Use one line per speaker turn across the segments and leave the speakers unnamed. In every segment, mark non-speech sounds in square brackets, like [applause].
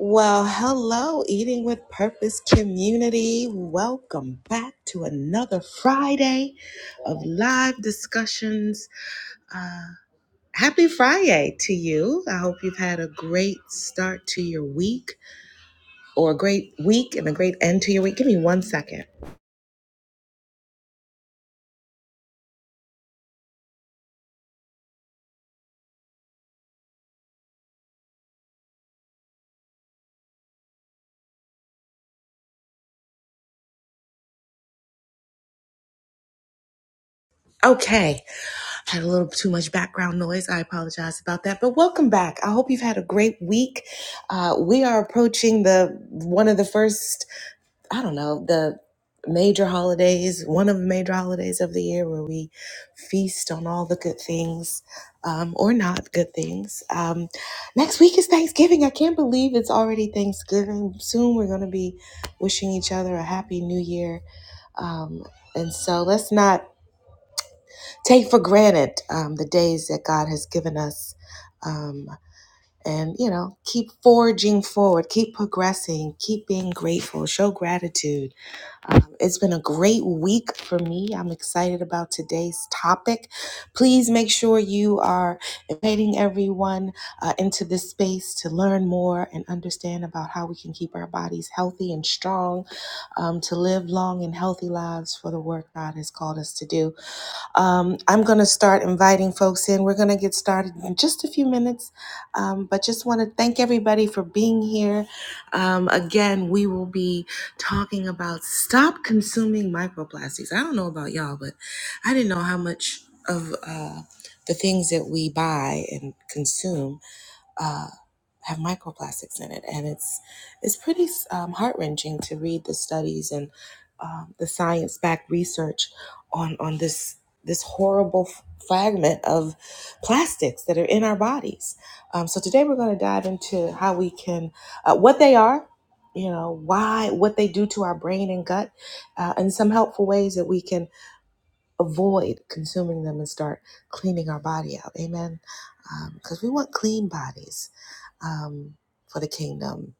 Well, hello, Eating with Purpose community. Welcome back to another Friday of live discussions. Uh, happy Friday to you. I hope you've had a great start to your week or a great week and a great end to your week. Give me one second. Okay, had a little too much background noise. I apologize about that. But welcome back. I hope you've had a great week. Uh, we are approaching the one of the first I don't know, the major holidays, one of the major holidays of the year where we feast on all the good things um, or not good things. Um, next week is Thanksgiving. I can't believe it's already Thanksgiving. Soon we're going to be wishing each other a happy new year. Um, and so let's not take for granted um, the days that God has given us. Um, and you know keep forging forward keep progressing keep being grateful show gratitude um, it's been a great week for me. I'm excited about today's topic. Please make sure you are inviting everyone uh, into this space to learn more and understand about how we can keep our bodies healthy and strong, um, to live long and healthy lives for the work God has called us to do. Um, I'm going to start inviting folks in. We're going to get started in just a few minutes, um, but just want to thank everybody for being here. Um, again, we will be talking about stop consuming microplastics. I don't know about y'all, but I didn't know how much of uh, the things that we buy and consume uh, have microplastics in it, and it's it's pretty um, heart wrenching to read the studies and um, the science backed research on on this this horrible f- fragment of plastics that are in our bodies. Um, so today we're going to dive into how we can uh, what they are. You know why, what they do to our brain and gut, uh, and some helpful ways that we can avoid consuming them and start cleaning our body out. Amen because we want clean bodies um, for the kingdom.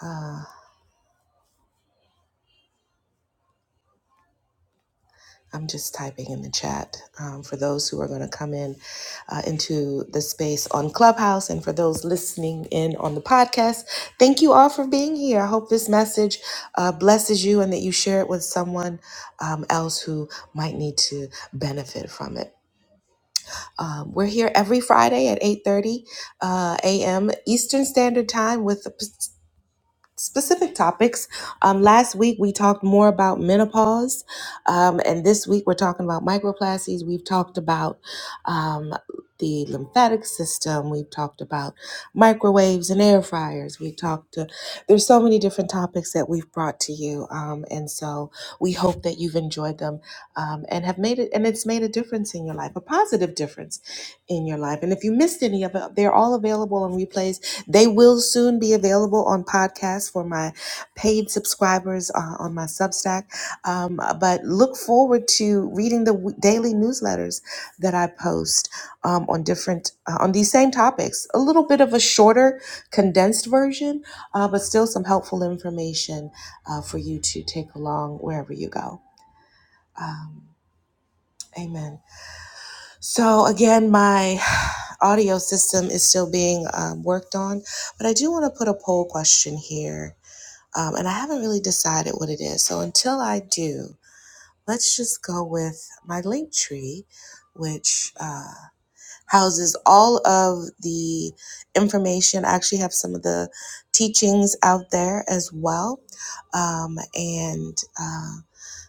Uh, I'm just typing in the chat um, for those who are going to come in uh, into the space on Clubhouse and for those listening in on the podcast. Thank you all for being here. I hope this message uh, blesses you and that you share it with someone um, else who might need to benefit from it. Um, we're here every Friday at 8:30 uh, a.m. Eastern Standard Time with a p- specific topics. Um, last week we talked more about menopause, um, and this week we're talking about microplastics. We've talked about um, the lymphatic system. We've talked about microwaves and air fryers. We talked to there's so many different topics that we've brought to you, um, and so we hope that you've enjoyed them um, and have made it and it's made a difference in your life, a positive difference in your life. And if you missed any of it, they're all available on replays they will soon be available on podcasts for my paid subscribers uh, on my Substack. Um, but look forward to reading the w- daily newsletters that I post um, on different uh, on these same topics. A little bit of a shorter, condensed version, uh, but still some helpful information uh, for you to take along wherever you go. Um, amen. So again, my audio system is still being um, worked on, but I do want to put a poll question here, um, and I haven't really decided what it is. So until I do, let's just go with my link tree, which uh, houses all of the information. I actually have some of the teachings out there as well, um, and. uh,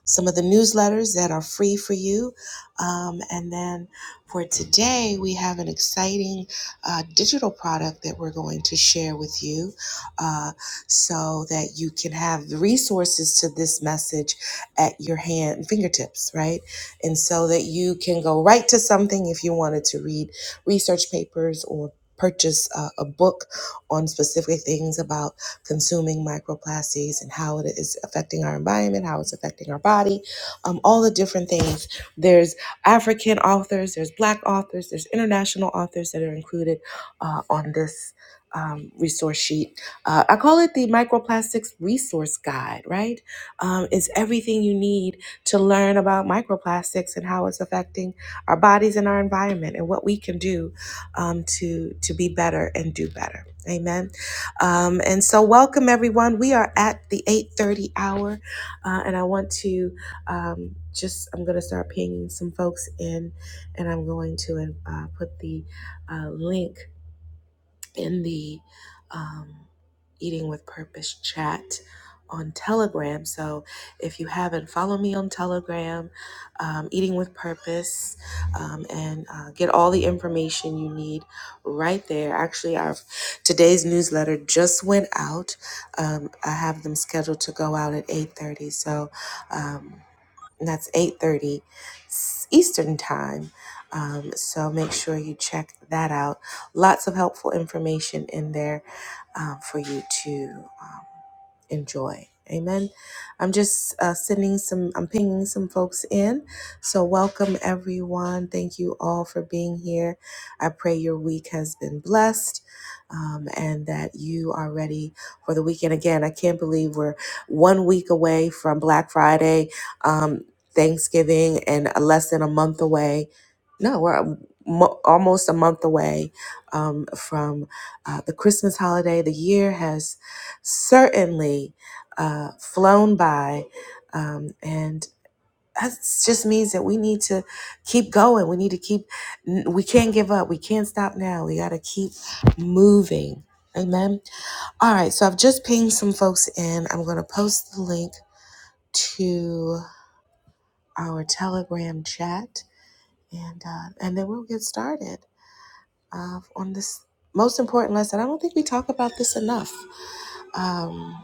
some of the newsletters that are free for you. Um, and then for today, we have an exciting uh, digital product that we're going to share with you uh, so that you can have the resources to this message at your hand fingertips, right? And so that you can go right to something if you wanted to read research papers or purchase a, a book on specific things about consuming microplastics and how it is affecting our environment, how it's affecting our body, um, all the different things. There's African authors, there's Black authors, there's international authors that are included uh, on this um, resource sheet. Uh, I call it the Microplastics Resource Guide, right? Um, it's everything you need to learn about microplastics and how it's affecting our bodies and our environment and what we can do um, to, to be better and do better. Amen. Um, and so, welcome everyone. We are at the 8:30 hour, uh, and I want to um, just I'm going to start pinging some folks in, and I'm going to uh, put the uh, link in the um, Eating with Purpose chat on Telegram. So if you haven't, follow me on Telegram, um, Eating with Purpose, um, and uh, get all the information you need right there. Actually, our today's newsletter just went out. Um, I have them scheduled to go out at eight thirty. So. Um, and that's 8.30 eastern time um, so make sure you check that out lots of helpful information in there um, for you to um, enjoy amen i'm just uh, sending some i'm pinging some folks in so welcome everyone thank you all for being here i pray your week has been blessed um, and that you are ready for the weekend again i can't believe we're one week away from black friday Um, Thanksgiving and a less than a month away. No, we're a mo- almost a month away um, from uh, the Christmas holiday. The year has certainly uh, flown by, um, and that just means that we need to keep going. We need to keep. n- We can't give up. We can't stop now. We got to keep moving. Amen. All right. So I've just pinged some folks in. I'm going to post the link to our Telegram chat, and uh, and then we'll get started uh, on this most important lesson. I don't think we talk about this enough, um,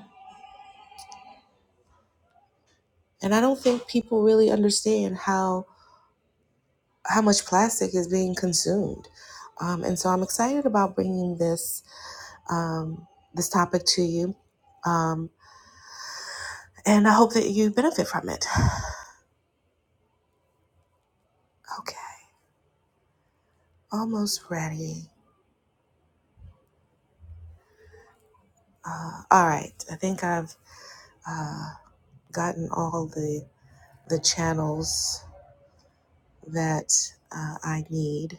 and I don't think people really understand how how much plastic is being consumed. Um, and so I'm excited about bringing this um, this topic to you, um, and I hope that you benefit from it. Okay, almost ready. Uh, all right, I think I've uh, gotten all the the channels that uh, I need.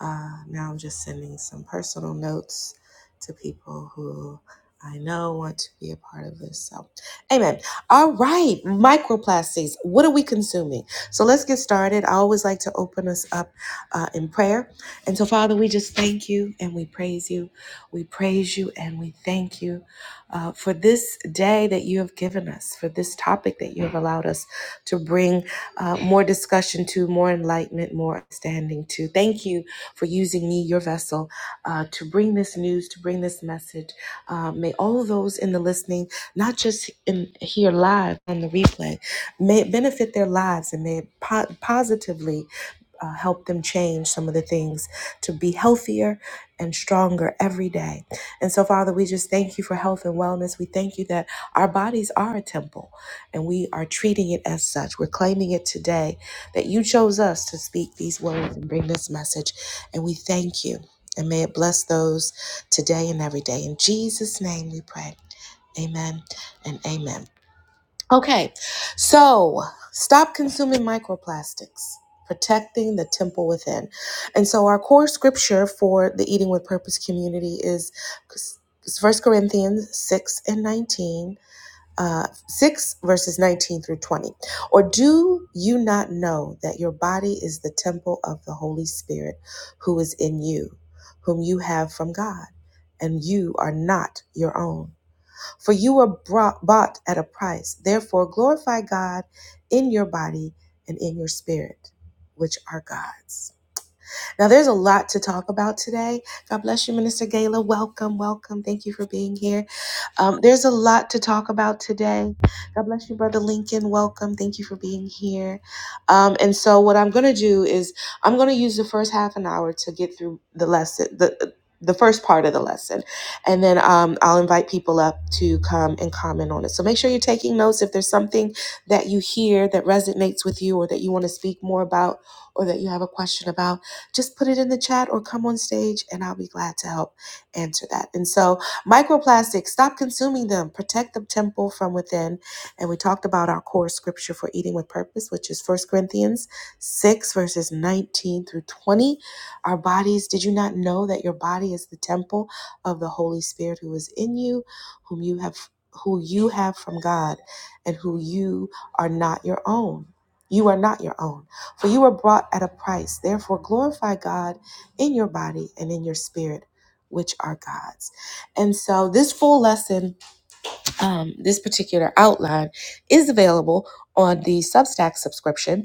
Uh, now I'm just sending some personal notes to people who I know want to be a part of this. So, amen. All right, microplastics. What are we consuming? So let's get started. I always like to open us up uh, in prayer. And so, Father, we just thank you and we praise you. We praise you and we thank you uh, for this day that you have given us, for this topic that you have allowed us to bring uh, more discussion to, more enlightenment, more understanding to. Thank you for using me, your vessel, uh, to bring this news, to bring this message. Uh, may all of those in the listening, not just in, here live on the replay, may it benefit their lives and may it po- positively uh, help them change some of the things to be healthier and stronger every day. And so, Father, we just thank you for health and wellness. We thank you that our bodies are a temple and we are treating it as such. We're claiming it today that you chose us to speak these words and bring this message. And we thank you. And may it bless those today and every day. In Jesus' name we pray. Amen and amen. Okay, so stop consuming microplastics, protecting the temple within. And so our core scripture for the Eating with Purpose community is First Corinthians 6 and 19, uh, 6 verses 19 through 20. Or do you not know that your body is the temple of the Holy Spirit who is in you, whom you have from God, and you are not your own? For you were brought, bought at a price. Therefore, glorify God in your body and in your spirit, which are God's. Now, there's a lot to talk about today. God bless you, Minister Gala. Welcome, welcome. Thank you for being here. Um, there's a lot to talk about today. God bless you, Brother Lincoln. Welcome. Thank you for being here. Um, and so, what I'm going to do is I'm going to use the first half an hour to get through the lesson, the the first part of the lesson, and then um, I'll invite people up to come and comment on it. So make sure you're taking notes. If there's something that you hear that resonates with you, or that you want to speak more about, or that you have a question about, just put it in the chat or come on stage and I'll be glad to help answer that. And so, microplastics, stop consuming them, protect the temple from within. And we talked about our core scripture for eating with purpose, which is First Corinthians 6, verses 19 through 20. Our bodies, did you not know that your body is the temple of the Holy Spirit who is in you, whom you have? Who you have from God and who you are not your own. You are not your own. For you were brought at a price. Therefore, glorify God in your body and in your spirit, which are God's. And so, this full lesson, um, this particular outline, is available on the Substack subscription.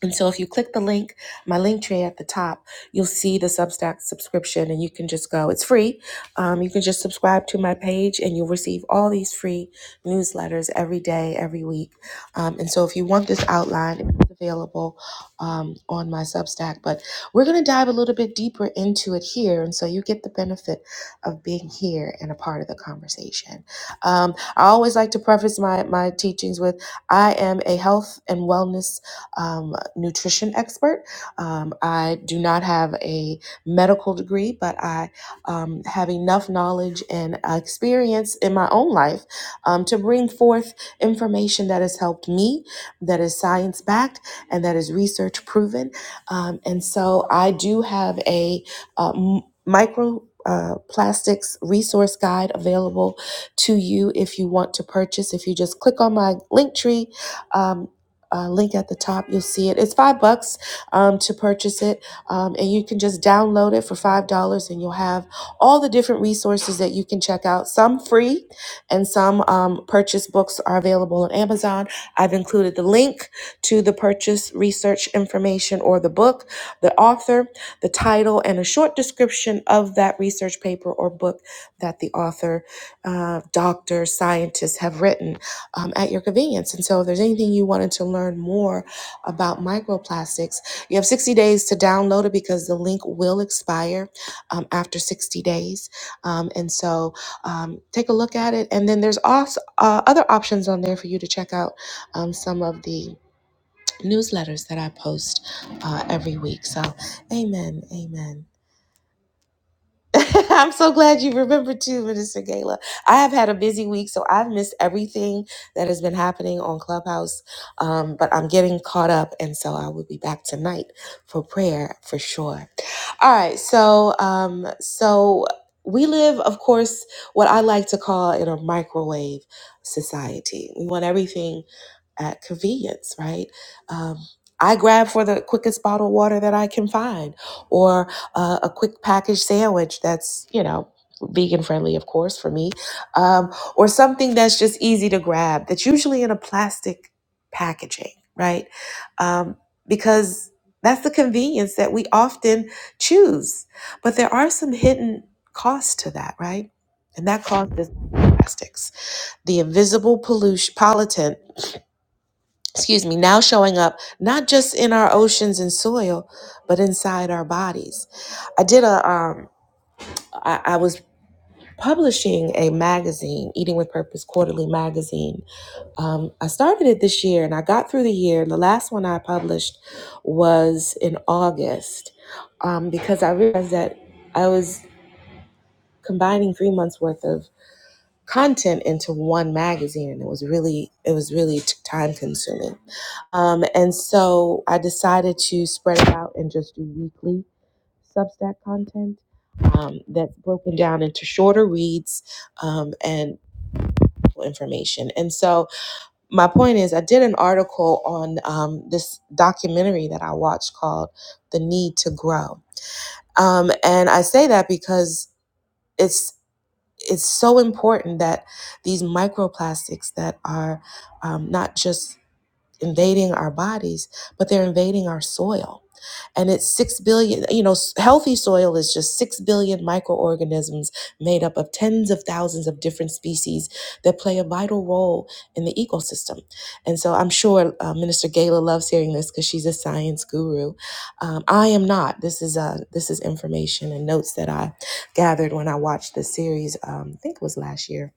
And so if you click the link, my link tray at the top, you'll see the Substack subscription and you can just go. It's free. Um, you can just subscribe to my page and you'll receive all these free newsletters every day, every week. Um, and so if you want this outline, it's available um, on my Substack. But we're going to dive a little bit deeper into it here. And so you get the benefit of being here and a part of the conversation. Um, I always like to preface my, my teachings with I am a health and wellness um, nutrition expert. Um, I do not have a medical degree, but I um, have enough knowledge and experience in my own life um, to bring forth information that has helped me, that is science backed, and that is research proven. Um, and so I do have a uh, m- micro. Uh, plastics resource guide available to you if you want to purchase. If you just click on my link tree um uh, link at the top. You'll see it. It's five bucks um, to purchase it, um, and you can just download it for five dollars, and you'll have all the different resources that you can check out. Some free, and some um, purchase books are available on Amazon. I've included the link to the purchase research information or the book, the author, the title, and a short description of that research paper or book that the author, uh, doctor, scientist have written um, at your convenience. And so, if there's anything you wanted to learn more about microplastics, you have 60 days to download it because the link will expire um, after 60 days. Um, and so, um, take a look at it. And then there's also uh, other options on there for you to check out um, some of the newsletters that I post uh, every week. So, amen, amen. [laughs] I'm so glad you remembered too, Minister Gala. I have had a busy week, so I've missed everything that has been happening on Clubhouse. Um, but I'm getting caught up, and so I will be back tonight for prayer for sure. All right, so um, so we live, of course, what I like to call in a microwave society. We want everything at convenience, right? Um, I grab for the quickest bottled water that I can find, or uh, a quick packaged sandwich that's you know vegan friendly, of course, for me, um, or something that's just easy to grab. That's usually in a plastic packaging, right? Um, because that's the convenience that we often choose. But there are some hidden costs to that, right? And that cost is plastics, the invisible pollution, pollutant, excuse me, now showing up not just in our oceans and soil, but inside our bodies. I did a, um, I, I was publishing a magazine, Eating with Purpose Quarterly Magazine. Um, I started it this year and I got through the year. The last one I published was in August um, because I realized that I was. combining three months worth of content into one magazine and it was really it was really t- time consuming um, and so i decided to spread it out and just do weekly substack content um, that's broken down into shorter reads um, and information and so my point is i did an article on um, this documentary that i watched called the need to grow um, and i say that because it's. it's so important that these microplastics that are um, not just invading our bodies, but they're invading our soil and it's 6 billion you know s- healthy soil is just 6 billion microorganisms made up of tens of thousands of different species that play a vital role in the ecosystem and so i'm sure uh, minister Gala loves hearing this because she's a science guru um, i am not this is uh, this is information and notes that i gathered when i watched the series um, i think it was last year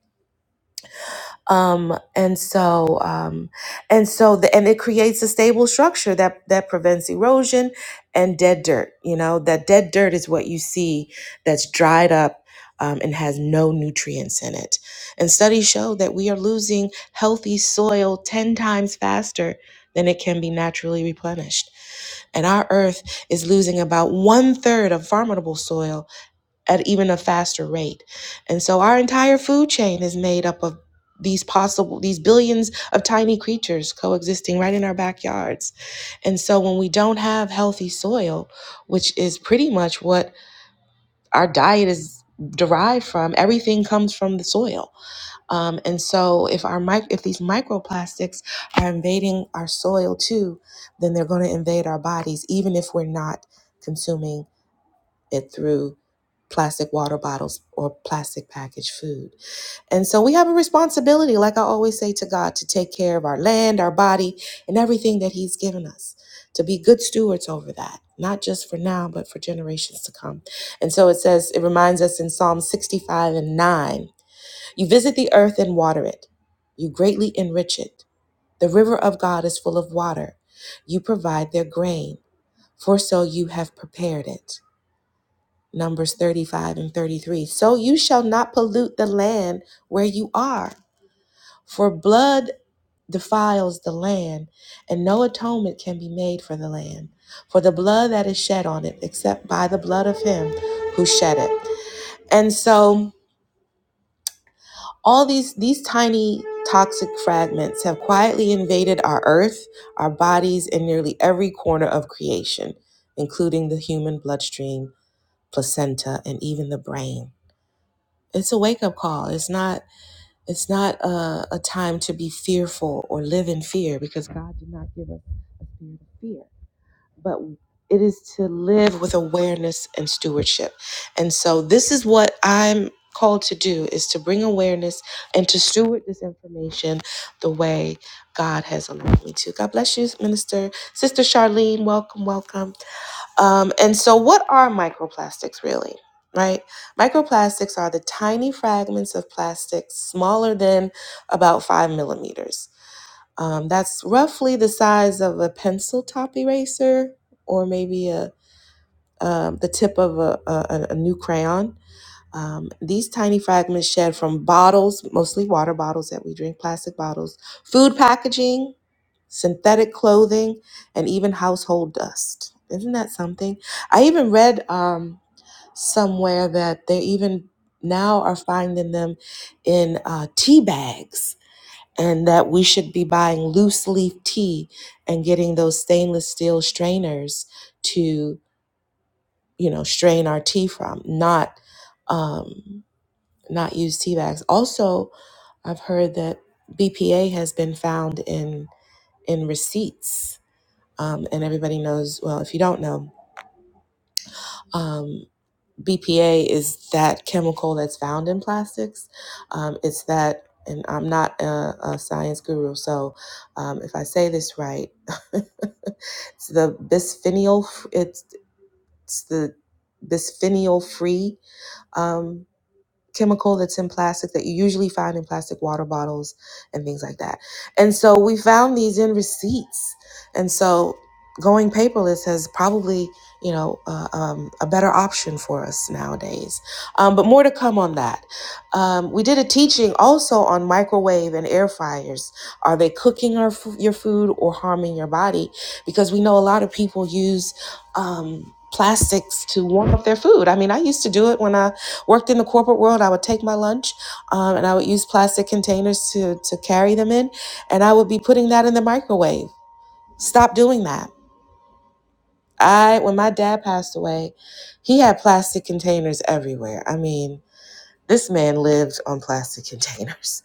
um, and so um, and so the, and it creates a stable structure that that prevents erosion and dead dirt you know that dead dirt is what you see that's dried up um, and has no nutrients in it and studies show that we are losing healthy soil 10 times faster than it can be naturally replenished and our earth is losing about one third of farmable soil at even a faster rate. And so our entire food chain is made up of these possible these billions of tiny creatures coexisting right in our backyards. And so when we don't have healthy soil, which is pretty much what our diet is derived from, everything comes from the soil. Um, and so if our mic- if these microplastics are invading our soil too, then they're going to invade our bodies even if we're not consuming it through plastic water bottles or plastic packaged food. And so we have a responsibility, like I always say to God, to take care of our land, our body, and everything that He's given us, to be good stewards over that, not just for now, but for generations to come. And so it says, it reminds us in Psalm 65 and 9 you visit the earth and water it, you greatly enrich it. The river of God is full of water. You provide their grain, for so you have prepared it. Numbers 35 and 33. So you shall not pollute the land where you are, for blood defiles the land, and no atonement can be made for the land, for the blood that is shed on it, except by the blood of him who shed it. And so all these these tiny toxic fragments have quietly invaded our earth, our bodies in nearly every corner of creation, including the human bloodstream, placenta, and even the brain. it's a wake up call. It's not it's not a, a time to be fearful or live in fear because God did not give us a spirit of fear, but it is to live with awareness and stewardship. And so this is what I'm called to do is to bring awareness and to steward this information the way God has allowed me to. God bless you, Minister. Sister Charlene, welcome, welcome. Um, and so, what are microplastics really? Right? Microplastics are the tiny fragments of plastic smaller than about five millimeters. Um, that's roughly the size of a pencil top eraser or maybe a um, the tip of a, a, a a new crayon. Um, these tiny fragments shed from bottles, mostly water bottles that we drink, plastic bottles, food packaging, synthetic clothing, and even household dust. Isn't that something? I even read um, somewhere that they even now are finding them in uh, tea bags, and that we should be buying loose leaf tea and getting those stainless steel strainers to, you know, strain our tea from, not. Um, not use tea bags. Also, I've heard that BPA has been found in in receipts, um, and everybody knows. Well, if you don't know, um, BPA is that chemical that's found in plastics. Um, it's that, and I'm not a, a science guru, so um, if I say this right, [laughs] it's the bisphenol. It's, it's the bisphenol free. Um, chemical that's in plastic that you usually find in plastic water bottles and things like that. And so we found these in receipts. And so going paperless has probably, you know, uh, um, a better option for us nowadays. Um, but more to come on that. Um, we did a teaching also on microwave and air fryers. Are they cooking our, f- your food or harming your body? Because we know a lot of people use um, plastics to warm up their food. I mean, I used to do it when I Worked in the corporate world, I would take my lunch um, and I would use plastic containers to, to carry them in, and I would be putting that in the microwave. Stop doing that. I, when my dad passed away, he had plastic containers everywhere. I mean, this man lived on plastic [laughs] containers.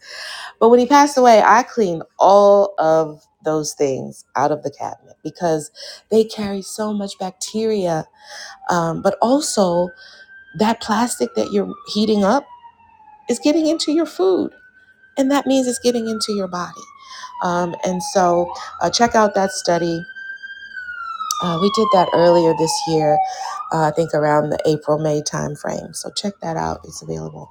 But when he passed away, I cleaned all of those things out of the cabinet because they carry so much bacteria. Um, but also, that plastic that you're heating up is getting into your food. and that means it's getting into your body. Um, and so, uh, check out that study. Uh, we did that earlier this year, uh, I think around the April May timeframe. So check that out; it's available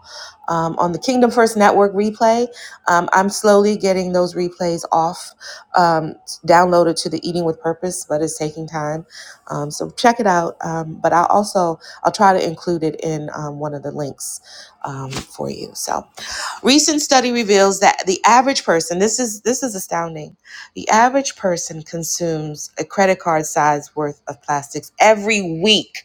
um, on the Kingdom First Network replay. Um, I'm slowly getting those replays off, um, downloaded to the Eating with Purpose, but it's taking time. Um, so check it out. Um, but I'll also I'll try to include it in um, one of the links um, for you. So. Recent study reveals that the average person, this is this is astounding. The average person consumes a credit card size worth of plastics every week.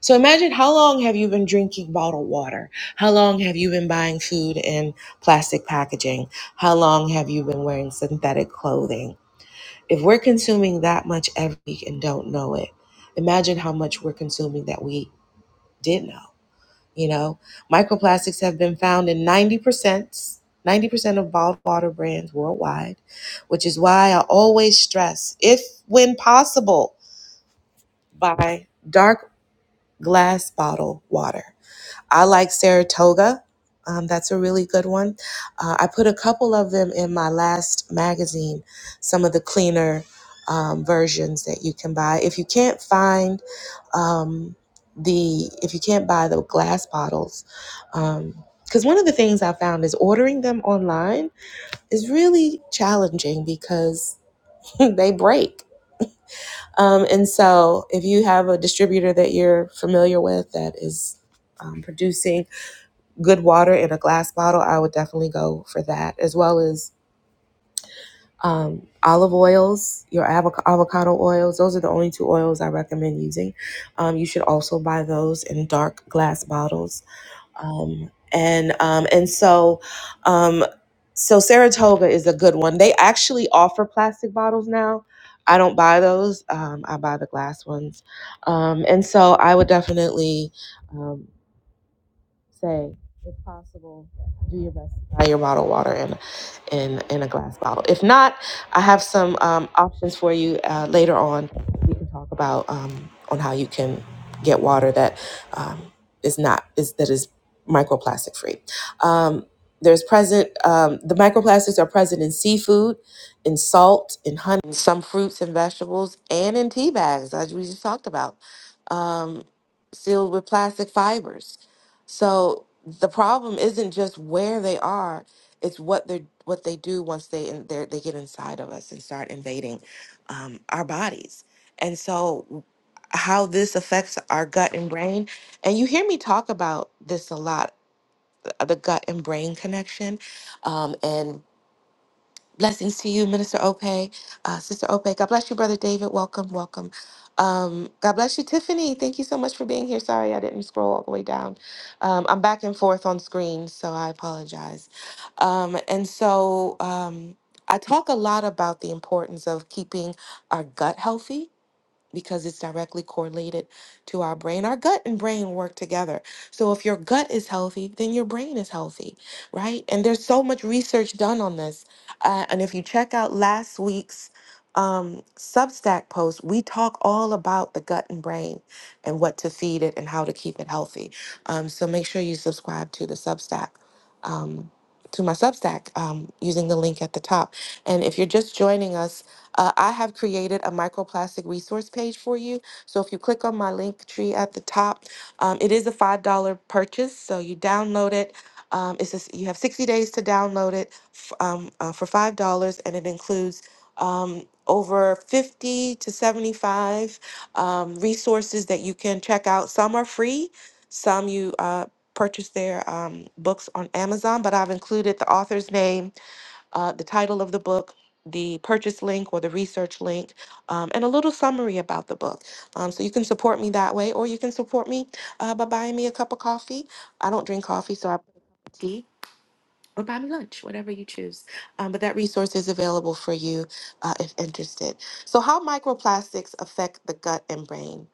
So imagine how long have you been drinking bottled water? How long have you been buying food in plastic packaging? How long have you been wearing synthetic clothing? If we're consuming that much every week and don't know it, imagine how much we're consuming that we did know. You know, microplastics have been found in 90%, 90% of bottled water brands worldwide, which is why I always stress, if when possible, buy dark glass bottle water. I like Saratoga. Um, that's a really good one. Uh, I put a couple of them in my last magazine, some of the cleaner um, versions that you can buy. If you can't find um, the, if you can't buy the glass bottles, because one of the things I found is ordering them online is really challenging because [laughs] they break. Um, and so if you have a distributor that you're familiar with that is um, producing, good water in a glass bottle, I would definitely go for that, as well as um, olive oils, your avoc- avocado oils. Those are the only two oils I recommend using. Um, you should also buy those in dark glass bottles. Um, and um, and so, um, so Saratoga is a good one. They actually offer plastic bottles now. I don't buy those. Um, I buy the glass ones. Um, and so I would definitely um, say, if possible, do your best to buy your bottled water in, in, in a glass bottle. If not, I have some um, options for you uh, later on. We can talk about um, on how you can get water that um, is not is that is microplastic free. Um, there's present um, the microplastics are present in seafood, in salt, in honey, in some fruits and vegetables, and in tea bags, as we just talked about, um, sealed with plastic fibers. So the problem isn't just where they are; it's what they are what they do once they in, they're- they get inside of us and start invading um, our bodies. And so, how this affects our gut and brain, and you hear me talk about this a lot: the gut and brain connection, um, and Blessings to you, Minister Ope, uh, Sister Ope. God bless you, Brother David. Welcome, welcome. Um, God bless you, Tiffany. Thank you so much for being here. Sorry I didn't scroll all the way down. Um, I'm back and forth on screen, so I apologize. Um, and so um, I talk a lot about the importance of keeping our gut healthy because it's directly correlated to our brain. Our gut and brain work together. So if your gut is healthy, then your brain is healthy, right? And there's so much research done on this. Uh, and if you check out last week's um, Substack post, we talk all about the gut and brain and what to feed it and how to keep it healthy. Um, so make sure you subscribe to the Substack. Um, to my Substack um, using the link at the top. And if you're just joining us, uh, I have created a microplastic resource page for you. So if you click on my link tree at the top, um, it is a $5 purchase. So you download it. Um, it's just, you have 60 days to download it f- um, uh, for $5, and it includes um, over 50 to 75 um, resources that you can check out. Some are free, some you uh, purchase their um, books on Amazon, but I've included the author's name uh, the title of the book, the purchase link or the research link, um, and a little summary about the book. Um, so you can support me that way, or you can support me uh, by buying me a cup of coffee. I don't drink coffee, so I put tea. Or buy me lunch, whatever you choose. Um, but that resource is available for you uh, if interested. So, how microplastics affect the gut and brain?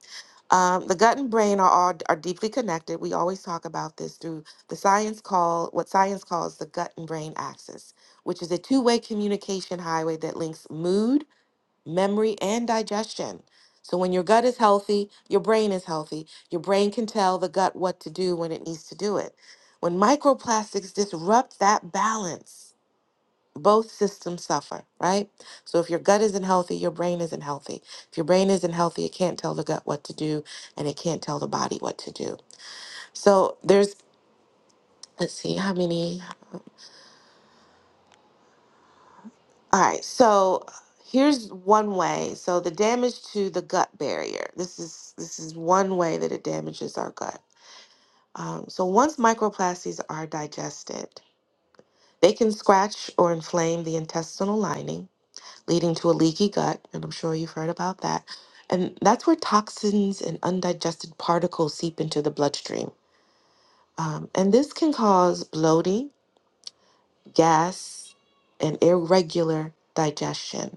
Um, the gut and brain are all are deeply connected. We always talk about this through the science call what science calls the gut and brain axis, which is a two-way communication highway that links mood, memory, and digestion. So when your gut is healthy, your brain is healthy. Your brain can tell the gut what to do when it needs to do it. When microplastics disrupt that balance, both systems suffer, right? So if your gut isn't healthy, your brain isn't healthy. If your brain isn't healthy, it can't tell the gut what to do and it can't tell the body what to do. So there's, let's see how many. All right. So here's one way. So the damage to the gut barrier. This is this is one way that it damages our gut. Um, so once microplastics are digested, they can scratch or inflame the intestinal lining leading to a leaky gut, and I'm sure you've heard about that. And that's where toxins and undigested particles seep into the bloodstream. Um, and this can cause bloating, gas, and irregular digestion.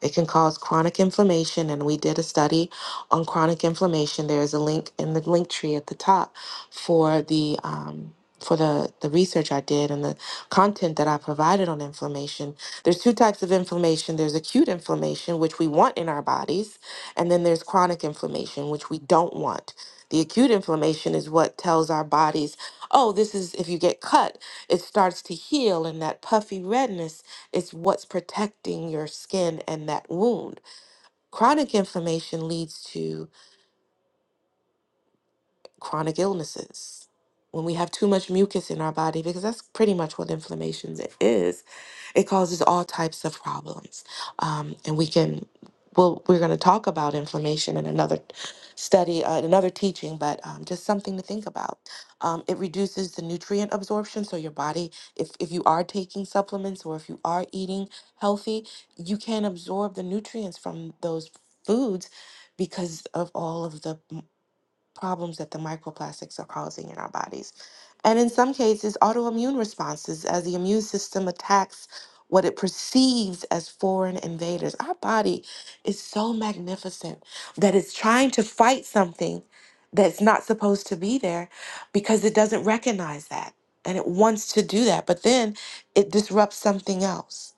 It can cause chronic inflammation, and we did a study on chronic inflammation. There is a link in the link tree at the top for the um, for the the research I did and the content that I provided on inflammation. There's two types of inflammation. There's acute inflammation, which we want in our bodies, and then there's chronic inflammation, which we don't want. The acute inflammation is what tells our bodies, oh, this is if you get cut, it starts to heal and that puffy redness it's what's protecting your skin and that wound. Chronic inflammation leads to chronic illnesses, when we have too much mucus in our body, because that's pretty much what inflammation is, it causes all types of problems. Um, and we can, well, we're going to talk about inflammation in another study, uh, another teaching, but um, just something to think about. Um, it reduces the nutrient absorption. So your body, if, if you are taking supplements or if you are eating healthy, you can not absorb the nutrients from those foods because of all of the problems that the microplastics are causing in our bodies. And in some cases, autoimmune responses as the immune system attacks what it perceives as foreign invaders. Our body is so magnificent that it's trying to fight something that's not supposed to be there because it doesn't recognize that and it wants to do that. But then it disrupts something else.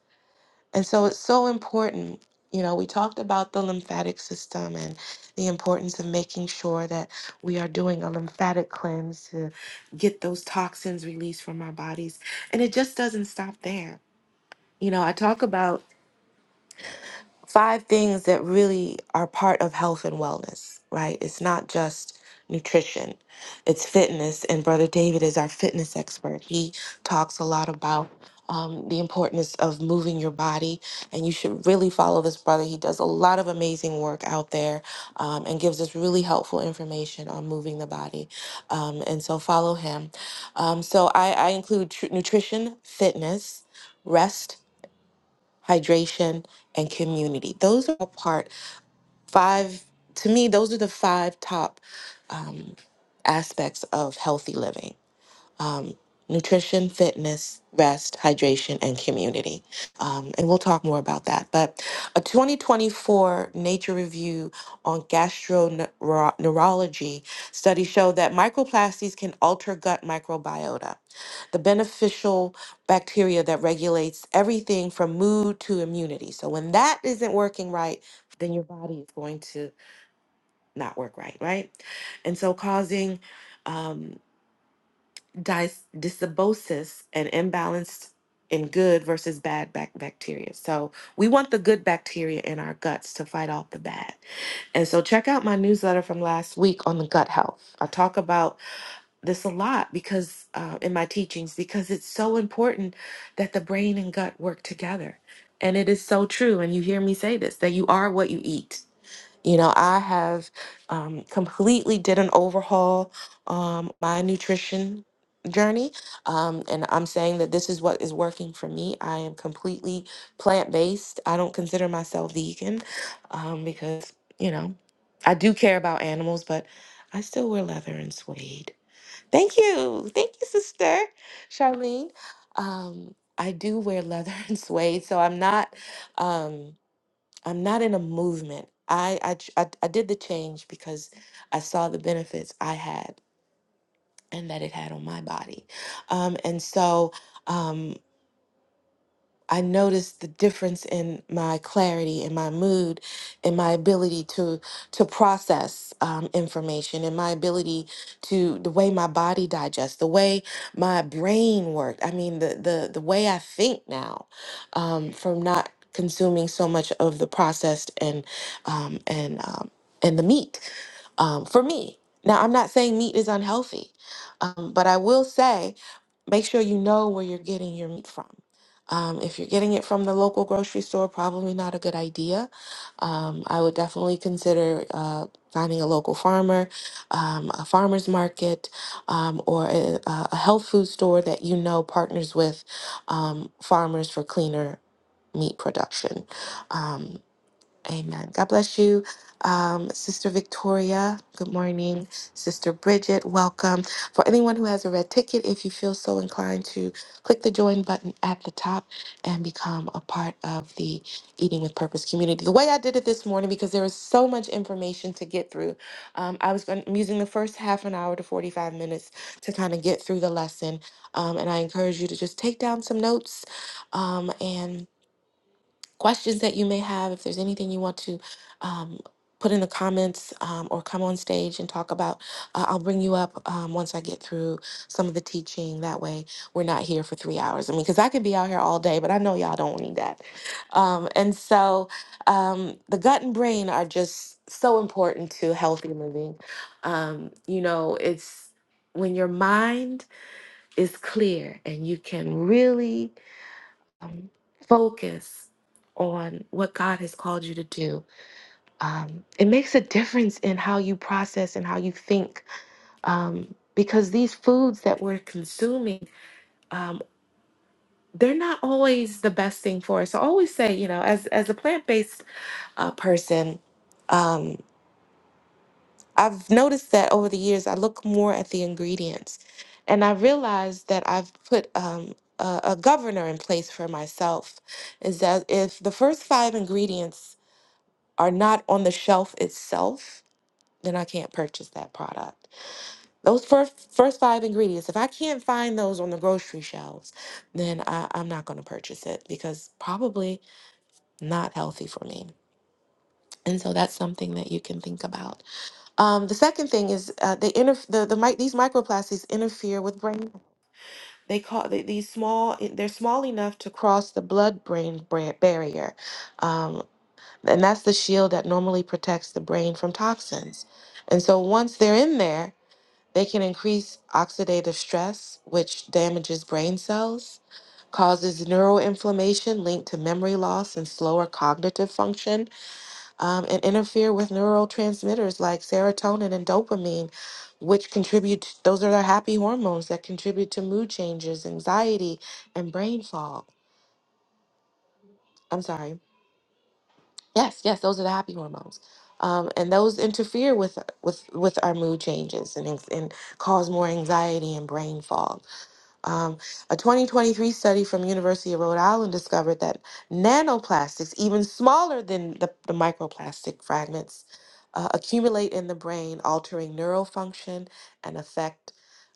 And so it's so important. You know, we talked about the lymphatic system and the importance of making sure that we are doing a lymphatic cleanse to get those toxins released from our bodies. And it just doesn't stop there. You know, I talk about five things that really are part of health and wellness, right? It's not just nutrition, it's fitness. And Brother David is our fitness expert. He talks a lot about um, the importance of moving your body. And you should really follow this brother. He does a lot of amazing work out there um, and gives us really helpful information on moving the body. Um, and so follow him. Um, so I, I include tr- nutrition, fitness, rest hydration, and community. Those are all part five. To me, those are the five top um, aspects of healthy living nutrition, fitness, rest, hydration, and community. Um, and we'll talk more about that. But a 2024 Nature review on gastroenterology study showed that microplastics can alter gut microbiota, the beneficial bacteria that regulates everything from mood to immunity. So when that isn't working right, then your body is going to not work right, right? And so causing. Um, dis- dysbiosis and imbalance in good versus bad bac- bacteria. So we want the good bacteria in our guts to fight off the bad. And so check out my newsletter from last week on the gut health. I talk about this a lot because uh, in my teachings because it's so important that the brain and gut work together. And it is so true. And you hear me say this that you are what you eat. You know, I have um, completely did an overhaul um, my nutrition journey, um, and I'm saying that this is what is working for me. I am completely plant based. I don't consider myself vegan um, because you know I do care about animals, but I still wear leather and suede. Thank you, thank you, sister Charlene. Um, I do wear leather [laughs] and suede, so I'm not. Um, I'm not in a movement. I, I ch- I I did the change because I saw the benefits I had and that it had on my body, um, and so. Um, I noticed the difference in my clarity, in my mood, in my ability to to process um, information, in my ability to the way my body digests, the way my brain worked. I mean, the the the way I think now, um, from not consuming so much of the processed and um, and um, and the meat. Um, for me, now I'm not saying meat is unhealthy, um, but I will say, make sure you know where you're getting your meat from um, if you're getting it from the local grocery store, probably not a good idea. Um, I would definitely consider uh, finding a local farmer, um, a farmer's market, um, or a, a health food store that you know partners with um, farmers for cleaner meat production. Um, Amen. God bless you, um, Sister Victoria. Good morning, Sister Bridget. Welcome. For anyone who has a red ticket, if you feel so inclined to click the join button at the top and become a part of the Eating with Purpose community. The way I did it this morning, because there was so much information to get through, um, I was going, I'm using the first half an hour to 45 minutes to kind of get through the lesson. Um, and I encourage you to just take down some notes um, and questions that you may have, if there's anything you want to um, put in the comments um, or come on stage and talk about, uh, I'll bring you up um, once I get through some of the teaching. That way, we're not here for three hours. I mean, because I could be out here all day, but I know y'all don't need that. Um, and so, um, the gut and brain are just so important to healthy living. Um, you know, it's when your mind is clear and you can really um, focus on what God has called you to do. Um, it makes a difference in how you process and how you think um, because these foods that we're consuming, um, they're not always the best thing for us. So I always say, you know, as, as a plant based uh, person, um, I've noticed that over the years, I look more at the ingredients and I realized that I've put um, a, a governor in place for myself is that if the first five ingredients are not on the shelf itself, then I can't purchase that product. Those first first five ingredients, if I can't find those on the grocery shelves, then I, I'm not going to purchase it because probably not healthy for me. And so that's something that you can think about. Um, the second thing is uh, they interf- the the mic- these microplastics interfere with brain. They call they, these small. They're small enough to cross the blood brain barrier. Um, And that's the shield that normally protects the brain from toxins. And so once they're in there, they can increase oxidative stress, which damages brain cells, causes neuroinflammation linked to memory loss and slower cognitive function, um, and interfere with neurotransmitters like serotonin and dopamine, which contribute, those are the happy hormones that contribute to mood changes, anxiety, and brain fog. I'm sorry. Yes, yes, those are the happy hormones, um, and those interfere with with with our mood changes and anx- and cause more anxiety and brain fog. Um, a 2023 study from University of Rhode Island discovered that nanoplastics, even smaller than the, the microplastic fragments, uh, accumulate in the brain, altering neural function and affect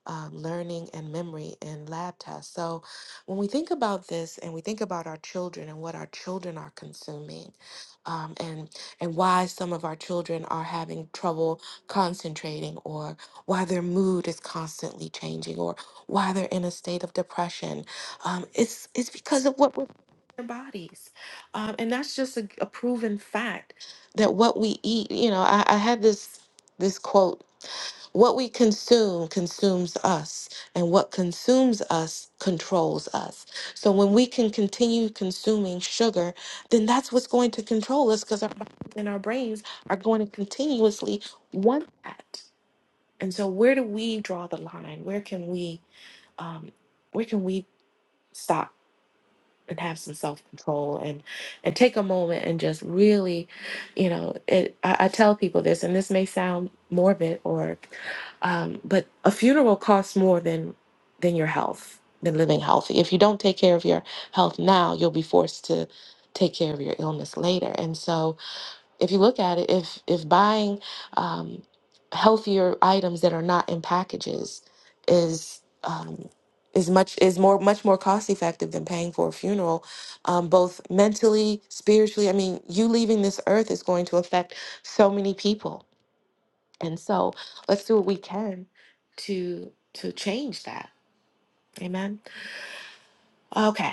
um, learning and memory in lab tests. So, when we think about this and we think about our children and what our children are consuming, um, and and why some of our children are having trouble concentrating, or why their mood is constantly changing, or why they're in a state of depression. Um, it's it's because of what we're putting in their bodies, um, and that's just a, a proven fact that what we eat. You know, I, I had this this quote: "What we consume consumes us, and what consumes us controls us." So when we can continue consuming sugar, then that's what's going to control us because our bodies and our brains are going to continuously want that. And so, where do we draw the line? Where can we? um, where can we stop and have some self control and and take a moment and just really, you know, it, I, I tell people this, and this may sound morbid or, um, but a funeral costs more than than your health, than living healthy. If you don't take care of your health now, you'll be forced to take care of your illness later, and so if you look at it, if if buying um, healthier items that are not in packages is um, is much is more much more cost effective than paying for a funeral, um, both mentally, spiritually. I mean, you leaving this earth is going to affect so many people, and so let's do what we can to to change that. Amen. Okay.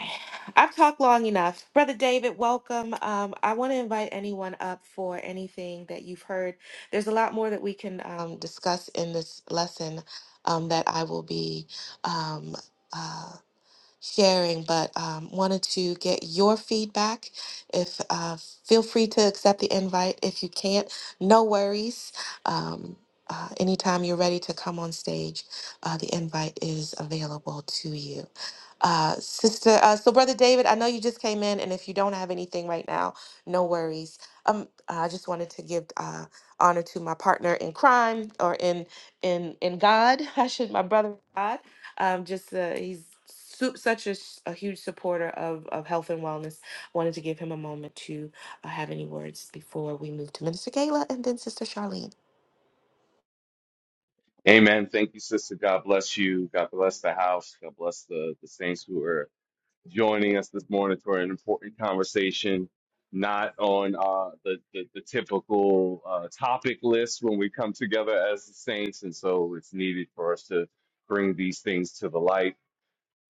I've talked long enough. Brother David, welcome. Um, I want to invite anyone up for anything that you've heard. There's a lot more that we can um, discuss in this lesson um, that I will be um, uh, sharing, but um, wanted to get your feedback. If uh, feel free to accept the invite. If you can't, no worries. Um, uh, anytime you're ready to come on stage, uh, the invite is available to you. Uh, sister, uh, so brother David, I know you just came in, and if you don't have anything right now, no worries. Um, I just wanted to give uh, honor to my partner in crime or in in in God. [laughs] I should my brother in God um, just uh, he's su- such a, s- a huge supporter of, of health and wellness. Wanted to give him a moment to uh, have any words before we move to Minister Gayla and then Sister Charlene.
Amen. Thank you, sister. God bless you. God bless the house. God bless the, the saints who are joining us this morning for an important conversation, not on uh, the, the, the typical uh, topic list when we come together as the saints. And so it's needed for us to bring these things to the light.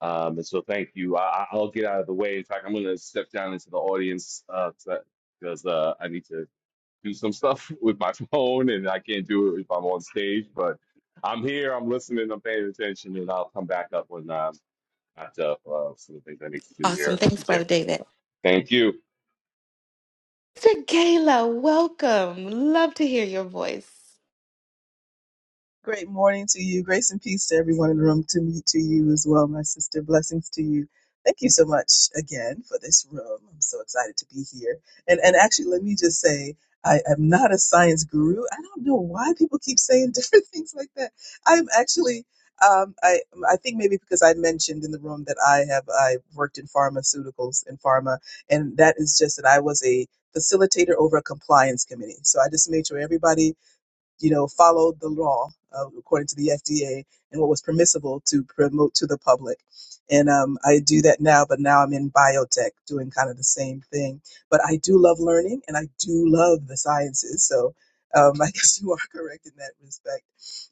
Um, and so thank you. I, I- I'll get out of the way. In fact, I'm going to step down into the audience because uh, 'cause, uh, uh, I need to do some stuff [laughs] with my phone and I can't do it if I'm on stage, but I'm here, I'm listening, I'm paying attention, and I'll come back up when I'm at uh, uh, some of the things I need to do
Awesome.
here at the
Thanks,
gym.
Brother David.
Thank you.
Sister Gayla, welcome. Love to hear your voice.
Great morning to you. Grace and peace to everyone in the room, to me, to you as well, my sister. Blessings to you. Thank you so much again for this room. I'm so excited to be here. And and actually, let me just say, I am not a science guru. I don't know why people keep saying [laughs] different things like that. I'm actually, um, I I think maybe because I mentioned in the room that I have I worked in pharmaceuticals and pharma, and that is just that I was a facilitator over a compliance committee. So I just made sure everybody you know, followed the law uh, according to the FDA and what was permissible to promote to the public. And um, I do that now, but now I'm in biotech doing kind of the same thing. But I do love learning and I do love the sciences. So um, [laughs] I guess you are correct in that respect.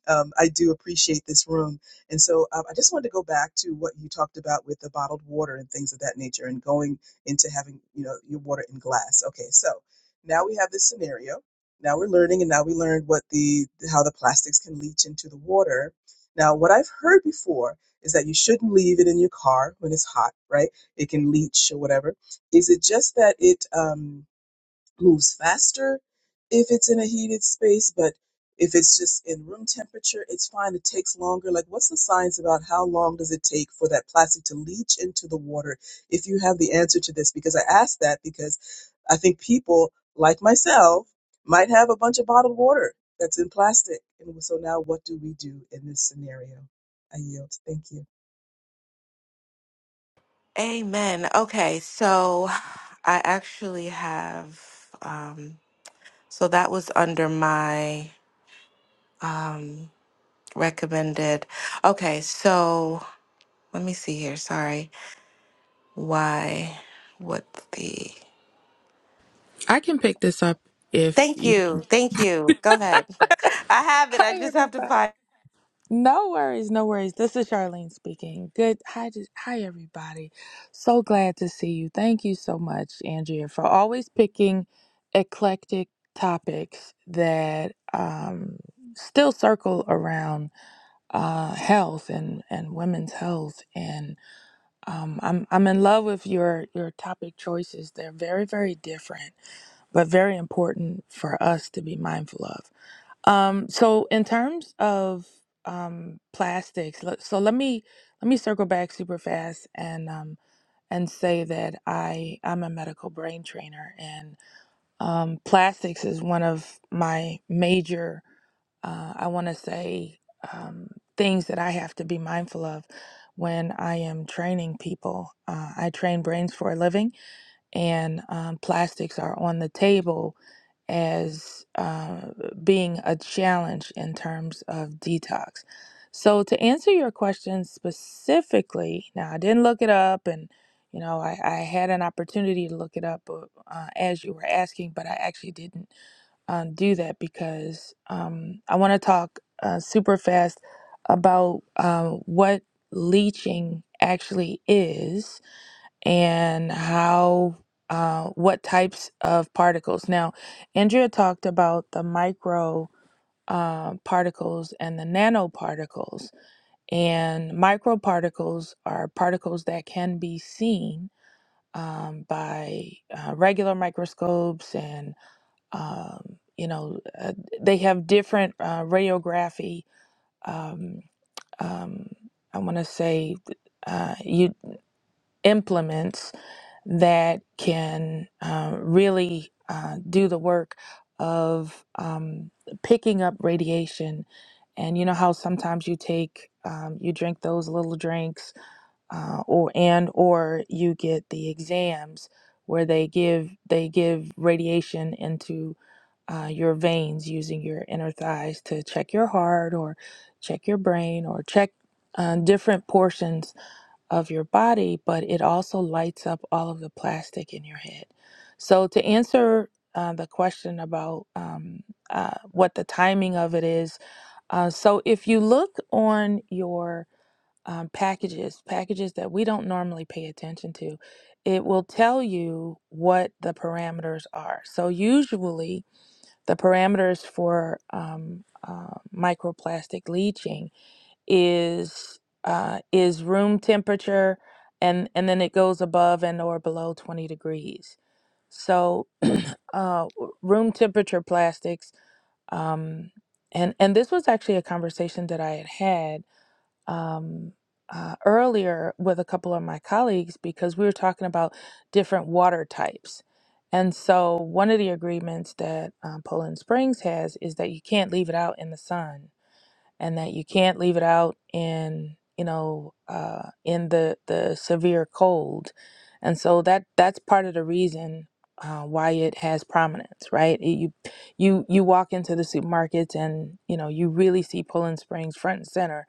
Um, I do appreciate this room. And so um, I just wanted to go back to what you talked about with the bottled water and things of that nature and going into having, you know, your water in glass. Okay, so now we have this scenario now we're learning and now we learned what the how the plastics can leach into the water now what i've heard before is that you shouldn't leave it in your car when it's hot right it can leach or whatever is it just that it um moves faster if it's in a heated space, but if it's just in room temperature, it's fine. It takes longer. Like, what's the science about how long does it take for that plastic to leach into the water? If you have the answer to this, because I asked that because I think people like myself might have a bunch of bottled water that's in plastic. And so now what do we do in this scenario? I yield. Thank you.
Amen. Okay, so I actually have um so that was under my um recommended. Okay, so let me see here. Sorry. Why? What the?
I can pick this up if
Thank
you.
you. Thank you. Go ahead. [laughs] I
[laughs]
have it. I
Hi,
just have to find.
everybody. No worries, no worries. This is Charlene speaking. Good. Hi, to- hi, everybody. So glad to see you. Thank you so much, Andrea, for always picking eclectic topics that um, still circle around uh, health and, and women's health. And um, I'm I'm in love with your your topic choices. They're very very different, but very important for us to be mindful of. Um, so in terms of um, plastics, let- so let me let me circle back super fast and um, and say that I I'm a medical brain trainer and um, plastics is one of my major uh, I want to say um, things that I have to be mindful of when I am training people. Uh, I train brains for a living and um, plastics are on the table as uh, being a challenge in terms of detox. So, to answer your question specifically, now I didn't look it up and you know, I, I had an opportunity to look it up uh, uh, as you were asking, but I actually didn't um, do that because um, I want to talk uh, super fast about uh, what leaching actually is and how uh, what types of particles. Now, Andrea talked about the micro uh, particles and the nanoparticles, and microparticles are particles that can be seen um, by uh, regular microscopes, and um, you know uh, they have different uh, radiography. Um, um, I want to say uh, you implements that can uh, really uh, do the work of um, picking up radiation. And you know how sometimes you take, um, you drink those little drinks, uh, or and or you get the exams where they give they give radiation into uh, your veins using your inner thighs to check your heart or check your brain or check uh, different portions of your body, but it also lights up all of the plastic in your head. So, to answer uh, the question about um, uh, what the timing of it is, uh, so if you look on your um, packages, packages that we don't normally pay attention to, it will tell you what the parameters are. So, usually, the parameters for um, uh, microplastic leaching is uh, is room temperature, and and then it goes above and or below 20 degrees. So uh, w- room temperature plastics, um, and and this was actually a conversation that I had had um, uh, earlier with a couple of my colleagues because we were talking about different water types. And so, one of the agreements that um, Poland Springs has is that you can't leave it out in the sun and that you can't leave it out in you know uh, in the the severe cold and so that that's part of the reason uh, why it has prominence right It- you you you walk into the supermarkets and you know you really see Poland Springs front and center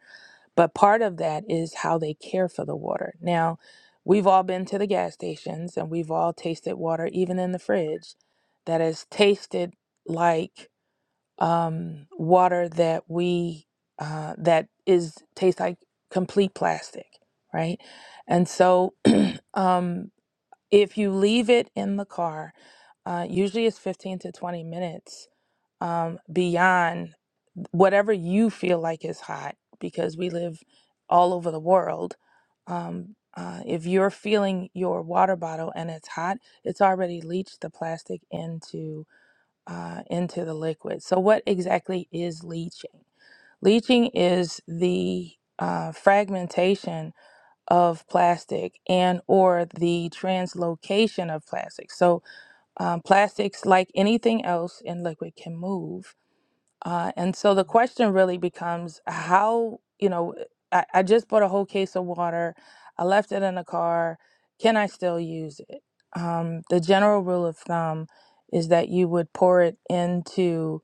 but part of that is how they care for the water now we've all been to the gas stations and we've all tasted water even in the fridge that has tasted like um, water that we uh, that is tastes like complete plastic, right? And so [clears throat] um, if you leave it in the car, uh, usually it's 15 to 20 minutes um, beyond whatever you feel like is hot because we live all over the world. Um, uh, if you're feeling your water bottle and it's hot, it's already leached the plastic into uh, into the liquid. So, what exactly is leaching? Leaching is the uh, fragmentation of plastic and or the translocation of plastic. So, um, plastics, like anything else in liquid, can move uh, and so the question really becomes how, you know, I, I just bought a whole case of water. I left it in the car. Can I still use it? Um, the general rule of thumb is that you would pour it into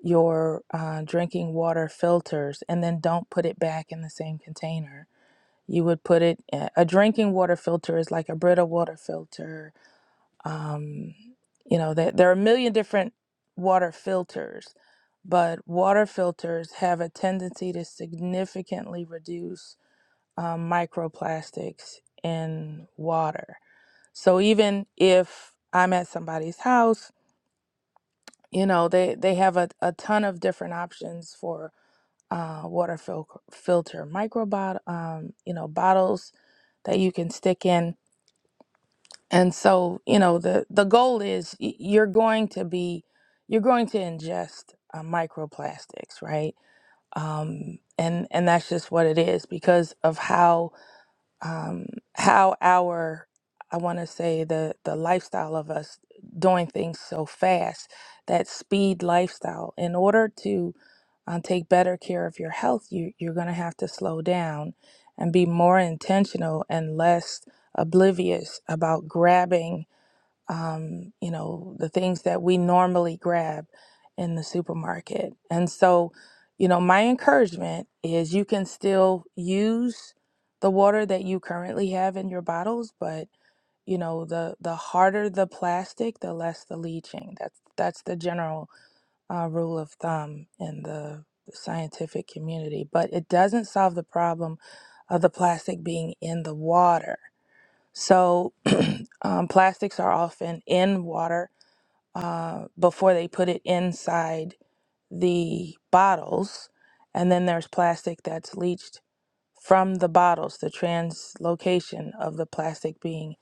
your uh, drinking water filters and then don't put it back in the same container. You would put it, a a drinking water filter is like a Brita water filter um, you know, there, there are a million different water filters, but water filters have a tendency to significantly reduce um, microplastics in water. So even if I'm at somebody's house, you know, they, they have a, a ton of different options for uh, water fil- filter micro bot- um, you know, bottles that you can stick in And so, you know, the the goal is y- you're going to be you're going to ingest uh, microplastics, right? Um, and and that's just what it is because of how um, how our I want to say the the lifestyle of us doing things so fast that speed lifestyle. In order to uh, take better care of your health, you you're going to have to slow down and be more intentional and less oblivious about grabbing um, you know, the things that we normally grab in the supermarket. And so, you know, my encouragement is you can still use the water that you currently have in your bottles, but you know, the the harder the plastic, the less the leaching. That's that's the general uh, rule of thumb in the scientific community. But it doesn't solve the problem of the plastic being in the water so, [clears throat] um, plastics are often in water uh, before they put it inside the bottles. And then there's plastic that's leached from the bottles, the translocation of the plastic being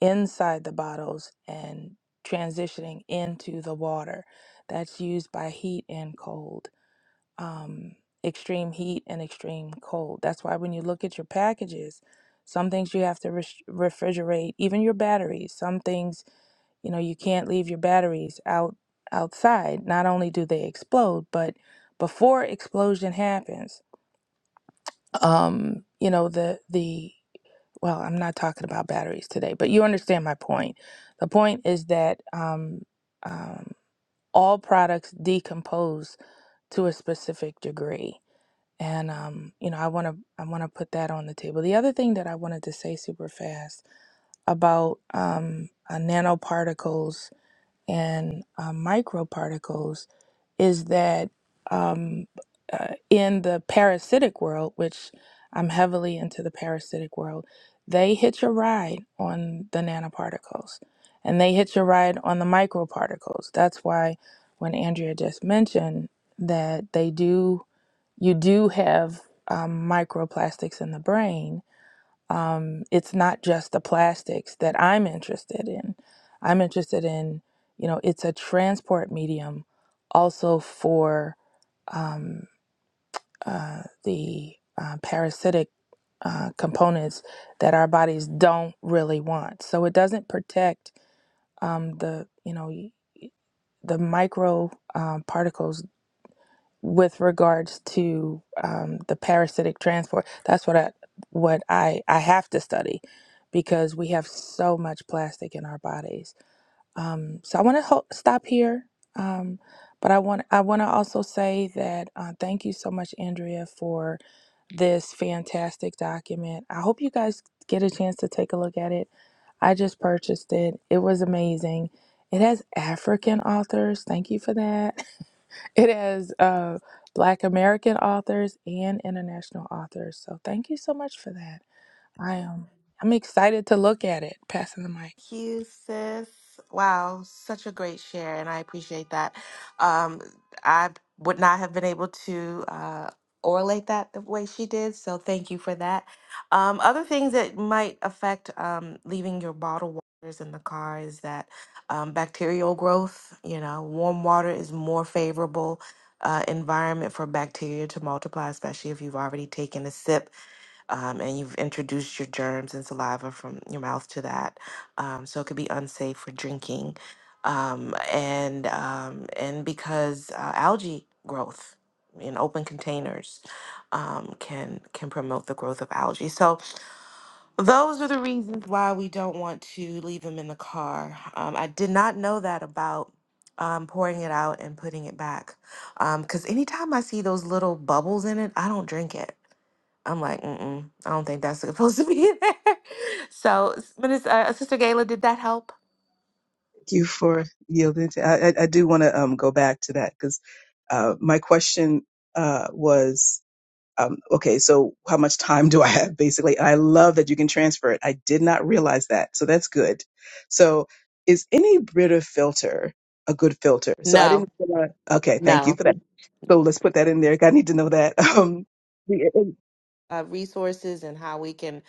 inside the bottles and transitioning into the water. That's used by heat and cold um, extreme heat and extreme cold. That's why when you look at your packages, some things you have to res- refrigerate, even your batteries. Some things, you know, you can't leave your batteries out outside. Not only do they explode, but before explosion happens, um, you know, the the well, I'm not talking about batteries today, but you understand my point. The point is that um, um, all products decompose to a specific degree and um, you know i want to i want to put that on the table the other thing that i wanted to say super fast about um, uh, nanoparticles and uh, microparticles is that um, uh, in the parasitic world which i'm heavily into the parasitic world they hitch a ride on the nanoparticles and they hitch a ride on the microparticles that's why when andrea just mentioned that they do you do have um, microplastics in the brain. Um, it's not just the plastics that I'm interested in. I'm interested in, you know, it's a transport medium also for um, uh, the uh, parasitic uh, components that our bodies don't really want. So it doesn't protect um, the, you know, the micro uh, particles with regards to um, the parasitic transport that's what i what i i have to study because we have so much plastic in our bodies um, so i want to ho- stop here um, but i want i want to also say that uh, thank you so much andrea for this fantastic document i hope you guys get a chance to take a look at it i just purchased it it was amazing it has african authors thank you for that it has uh, Black American authors and international authors. So thank you so much for that. I am I'm excited to look at it. Passing the mic.
Thank you, sis. Wow, such a great share, and I appreciate that. Um, I would not have been able to uh, orate that the way she did, so thank you for that. Um, other things that might affect um, leaving your bottled waters in the car is that um, bacterial growth. You know, warm water is more favorable. Uh, environment for bacteria to multiply, especially if you've already taken a sip um, and you've introduced your germs and saliva from your mouth to that, um, so it could be unsafe for drinking, um, and um, and because uh, algae growth in open containers um, can can promote the growth of algae. So those are the reasons why we don't want to leave them in the car. Um, I did not know that about. Um, pouring it out and putting it back because anytime i see those little bubbles in it i don't drink it I'm like, mm-mm, I don't think that's [laughs] supposed to be in there. [laughs] So, s- but it's, uh, Sister Gayla, did that help?
Thank you for yielding. To, I, I I do want to um, go back to that because uh, my question uh, was um, okay, so how much time do I have basically? And I love that you can transfer it. I did not realize that. So that's good. So is any Brita filter a good filter? So I
No,
didn't, okay, thank you
no.
for that. So let's put that in there. I need to know that. [laughs]
Uh, resources and how we can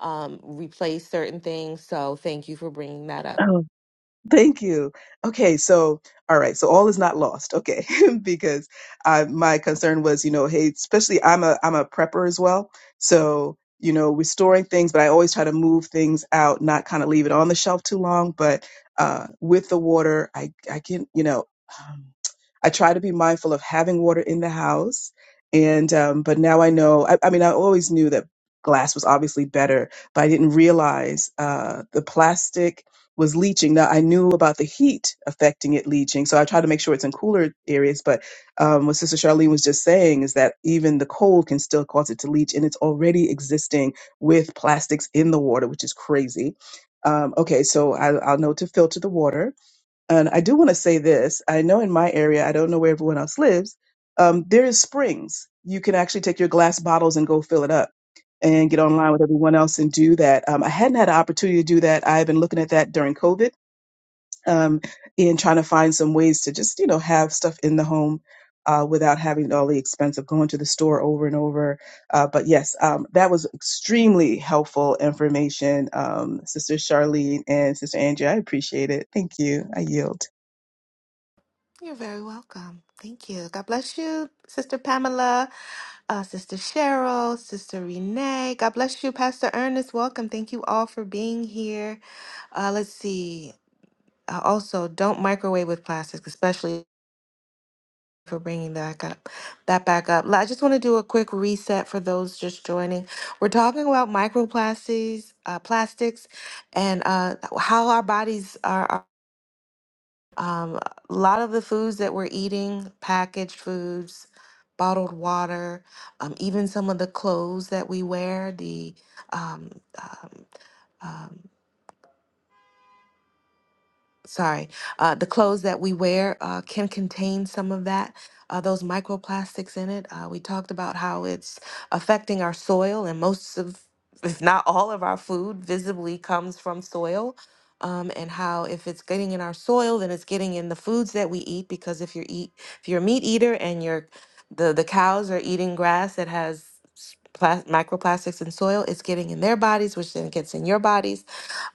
um, replace certain things. So, thank you for bringing that up.
Um, Thank you. Okay, so all right, so all is not lost. Okay, [laughs] because I, my concern was, you know, hey, especially I'm a I'm a prepper as well, so you know, restoring things, but I always try to move things out, not kind of leave it on the shelf too long. But uh, with the water, I I can, you know, um, I try to be mindful of having water in the house, and um, but now I know. I, I mean, I always knew that glass was obviously better, but I didn't realize uh, the plastic was leaching. Now I knew about the heat affecting it leaching, so I tried to make sure it's in cooler areas. But um, what Sister Charlene was just saying is that even the cold can still cause it to leach, and it's already existing with plastics in the water, which is crazy. Um, okay, so I, I'll know to filter the water, and I do want to say this. I know in my area, I don't know where everyone else lives. Um, there is springs. You can actually take your glass bottles and go fill it up and get online with everyone else and do that. Um, I hadn't had an opportunity to do that. I've been looking at that during COVID um, and trying to find some ways to just you know have stuff in the home uh, without having all the expense of going to the store over and over. Uh, but yes, um, that was extremely helpful information, um, Sister Charlene and Sister Andrea. I appreciate it. Thank you. I yield.
You're very welcome. Thank you. God bless you, Sister Pamela, uh, Sister Cheryl, Sister Renee. God bless you, Pastor Ernest. Welcome. Thank you all for being here. Uh, let's see. Uh, also, don't microwave with plastics, especially for bringing that up. That back up. I just want to do a quick reset for those just joining. We're talking about microplastics, uh, plastics, and uh, how our bodies are. are, um, a lot of the foods that we're eating, packaged foods, bottled water, um, even some of the clothes that we wear, the um, um, um, sorry, uh, the clothes that we wear uh, can contain some of that, uh, those microplastics in it. Uh, we talked about how it's affecting our soil, and most of, if not all of our food visibly comes from soil. Um, and how if it's getting in our soil, then it's getting in the foods that we eat. Because if you're eat, if you're a meat eater and you're the the cows are eating grass that has s- plas- microplastics in soil, it's getting in their bodies, which then gets in your bodies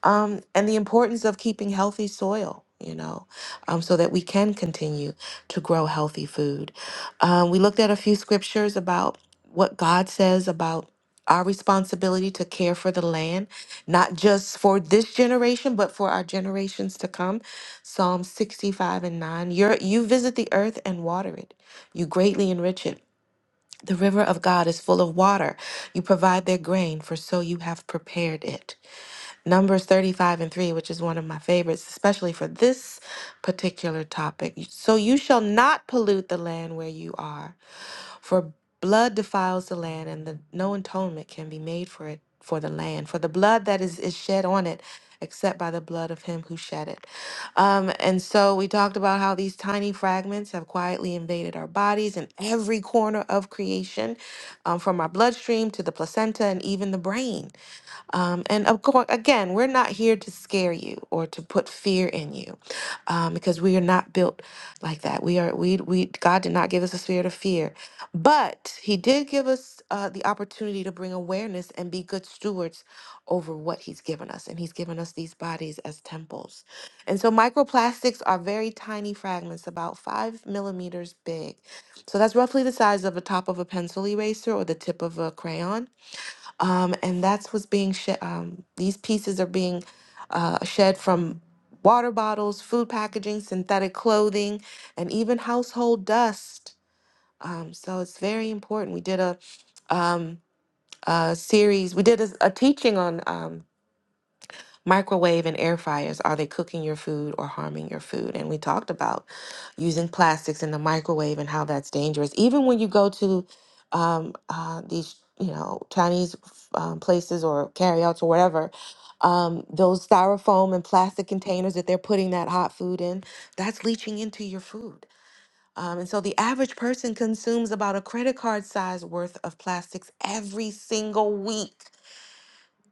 um, and the importance of keeping healthy soil, you know, um, so that we can continue to grow healthy food. Um, we looked at a few scriptures about what God says about our responsibility to care for the land, not just for this generation, but for our generations to come. Psalm 65 and 9. You're, you visit the earth and water it, you greatly enrich it. The river of God is full of water. You provide their grain, for so you have prepared it. Numbers 35 and 3, which is one of my favorites, especially for this particular topic. So you shall not pollute the land where you are, for blood defiles the land, and the, no atonement can be made for it for the land, for the blood that is, is shed on it, except by the blood of him who shed it. Um, and so we talked about how these tiny fragments have quietly invaded our bodies in every corner of creation, um, from our bloodstream to the placenta and even the brain. Um, and of course, again, we're not here to scare you or to put fear in you, um, because we are not built like that. We are we we God did not give us a spirit of fear, but He did give us uh, the opportunity to bring awareness and be good stewards over what He's given us, and He's given us these bodies as temples. And so, microplastics are very tiny fragments, about five millimeters big. So that's roughly the size of the top of a pencil eraser or the tip of a crayon um, and that's what's being shed. Um, these pieces are being uh, shed from water bottles, food packaging, synthetic clothing, and even household dust. Um, so it's very important. We did a, um, a series. We did a, a teaching on. Um, Microwave and air fryers, are they cooking your food or harming your food? And we talked about using plastics in the microwave and how that's dangerous. Even when you go to um, uh, these, you know, Chinese um, places or carryouts or whatever, um, those styrofoam and plastic containers that they're putting that hot food in, that's leaching into your food. Um, and so the average person consumes about a credit card size worth of plastics every single week.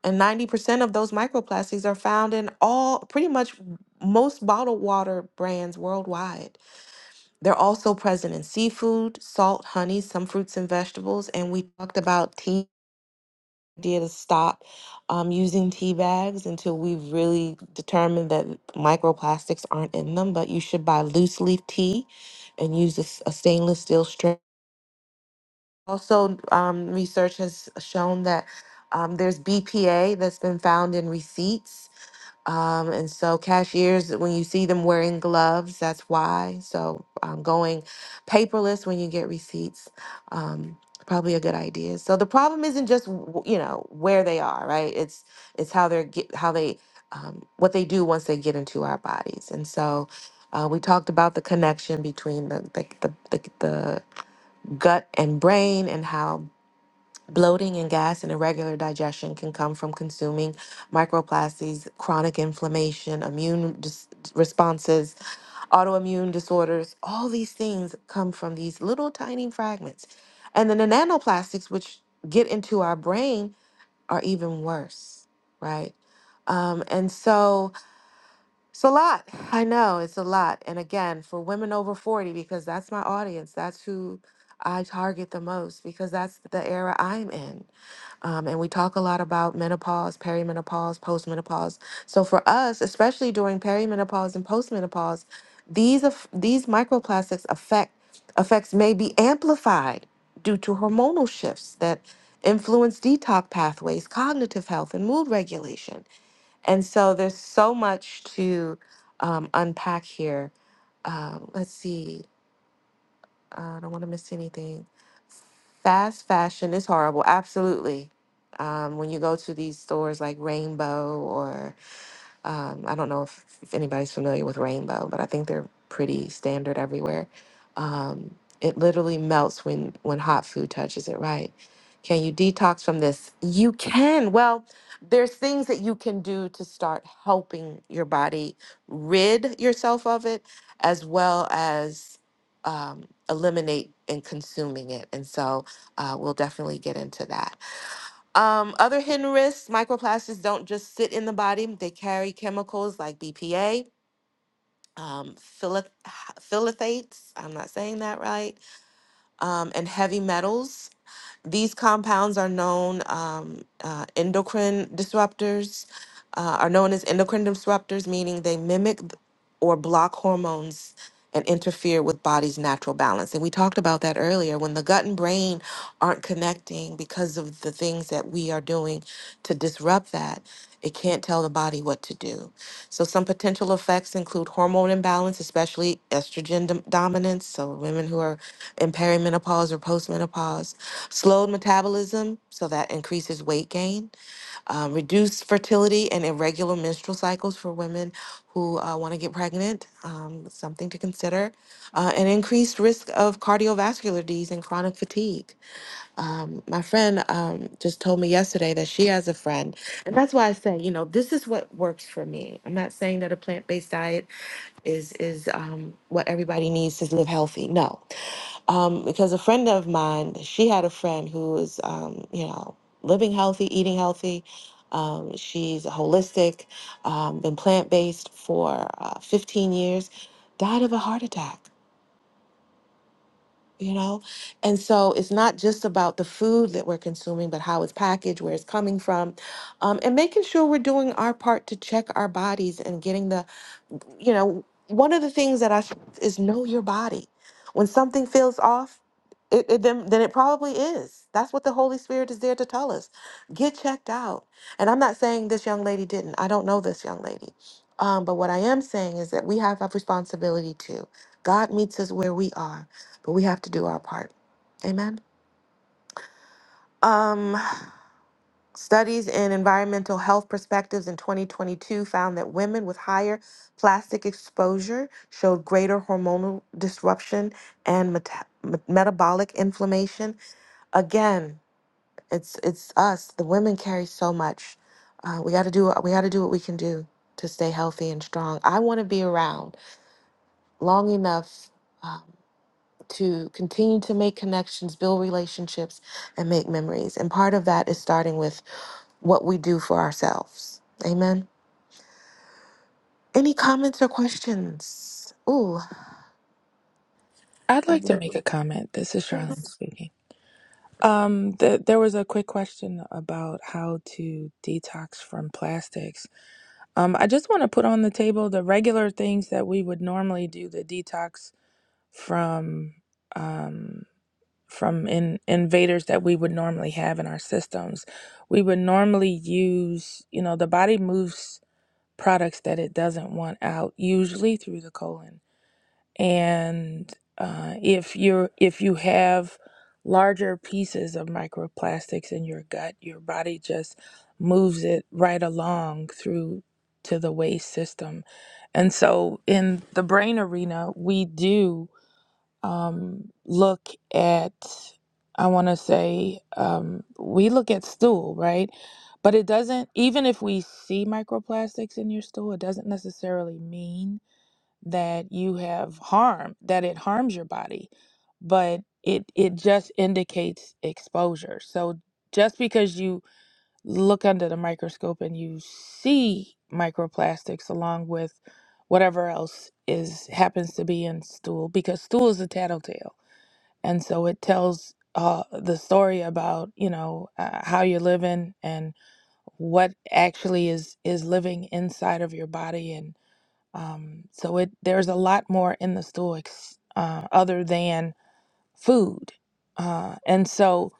And 90% of those microplastics are found in all, pretty much most bottled water brands worldwide. They're also present in seafood, salt, honey, some fruits and vegetables. And we talked about tea, the idea to stop um, using tea bags until we've really determined that microplastics aren't in them. But you should buy loose leaf tea and use a, s- a stainless steel strainer. Also, um, research has shown that um, there's BPA that's been found in receipts Um, and so cashiers, when you see them wearing gloves, that's why. So um, going paperless when you get receipts, um, probably a good idea. So the problem isn't just w- you know where they are, right? It's it's how they're get how they um, what they do once they get into our bodies. And so uh, we talked about the connection between the the, the the the gut and brain and how Bloating and gas and irregular digestion can come from consuming microplastics, chronic inflammation, immune dis- responses, autoimmune disorders. All these things come from these little tiny fragments. And then the nanoplastics, which get into our brain, are even worse, right? Um, and so it's a lot. I know it's a lot. And again, for women over 40, because that's my audience, that's who I target the most, because that's the era I'm in um, and we talk a lot about menopause, perimenopause, postmenopause. So for us, especially during perimenopause and postmenopause, these aff- these microplastics affect effects may be amplified due to hormonal shifts that influence detox pathways, cognitive health, and mood regulation. And so there's so much to um, unpack here. Um, let's see. I don't want to miss anything. Fast fashion is horrible, absolutely. Um, when you go to these stores like Rainbow or um, I don't know if, if anybody's familiar with rainbow, but I think they're pretty standard everywhere. Um, it literally melts when when hot food touches it, right? Can you detox from this? You can. Well, there's things that you can do to start helping your body rid yourself of it, as well as um, eliminate and consuming it. And so uh, we'll definitely get into that. Um, other hidden risks microplastics don't just sit in the body, they carry chemicals like BPA, um, phthalates, I'm not saying that right, um, and heavy metals. These compounds are known um, uh, endocrine disruptors, uh, are known as endocrine disruptors, meaning they mimic th- or block hormones and interfere with body's natural balance. And we talked about that earlier when the gut and brain aren't connecting because of the things that we are doing to disrupt that. It can't tell the body what to do. So, some potential effects include hormone imbalance, especially estrogen dom- dominance. So, women who are in perimenopause or postmenopause, slowed metabolism, so that increases weight gain, um, reduced fertility and irregular menstrual cycles for women who uh, want to get pregnant, um, something to consider, uh, and increased risk of cardiovascular disease and chronic fatigue. Um, my friend um, just told me yesterday that she has a friend, and that's why I say, you know, this is what works for me. I'm not saying that a plant-based diet is is um, what everybody needs to live healthy. No, um, because a friend of mine, she had a friend who was, um, you know, living healthy, eating healthy. Um, she's holistic, um, been plant based for uh, 15 years, died of a heart attack, you know? And so it's not just about the food that we're consuming, but how it's packaged, where it's coming from, um, and making sure we're doing our part to check our bodies and getting the you know, one of the things that that I s- is know your body. When something feels off, it, it then, then it probably is. That's what the Holy Spirit is there to tell us. Get checked out. And I'm not saying this young lady didn't. I don't know this young lady. Um, but what I am saying is that we have a responsibility too. God meets us where we are, but we have to do our part. Amen. Um, Studies in environmental health perspectives in 2022 found that women with higher plastic exposure showed greater hormonal disruption and meta- me- metabolic inflammation. Again, it's it's us. The women carry so much. Uh, we got to do we got to do what we can do to stay healthy and strong. I want to be around long enough um, to continue to make connections, build relationships, and make memories. And part of that is starting with what we do for ourselves. Amen. Any comments or questions? Ooh.
I'd like to make a comment. This is Charlene
Yes.
speaking. Um, th- there was a quick question about how to detox from plastics. Um, I just want to put on the table the regular things that we would normally do to detox from. Um. from in, invaders that we would normally have in our systems. We would normally use, you know, the body moves products that it doesn't want out, usually through the colon. And uh, if you're if you have larger pieces of microplastics in your gut, your body just moves it right along through to the waste system. And so in the brain arena, we do um, look at, I want to say, um, we look at stool, right? But it doesn't, even if we see microplastics in your stool, it doesn't necessarily mean that you have harm, that it harms your body, but it, it just indicates exposure. So just because you look under the microscope and you see microplastics along with whatever else is happens to be in stool, because stool is a tattletale and so it tells uh, the story about you know uh, how you're living and what actually is is living inside of your body and um, so it there's a lot more in the stoics uh, other than food uh, and so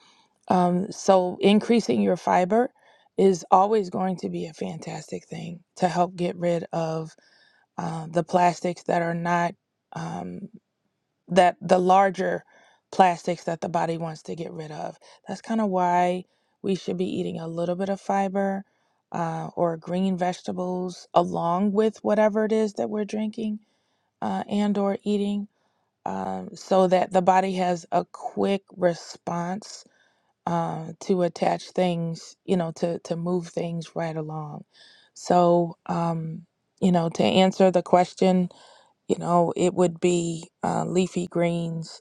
um, so increasing your fiber is always going to be a fantastic thing to help get rid of uh, the plastics that are not um, that the larger plastics that the body wants to get rid of. That's kind of why we should be eating a little bit of fiber uh, or green vegetables along with whatever it is that we're drinking uh, and or eating um, so that the body has a quick response uh, to attach things, you know, to, to move things right along. So, um, you know, to answer the question, you know, it would be uh, leafy greens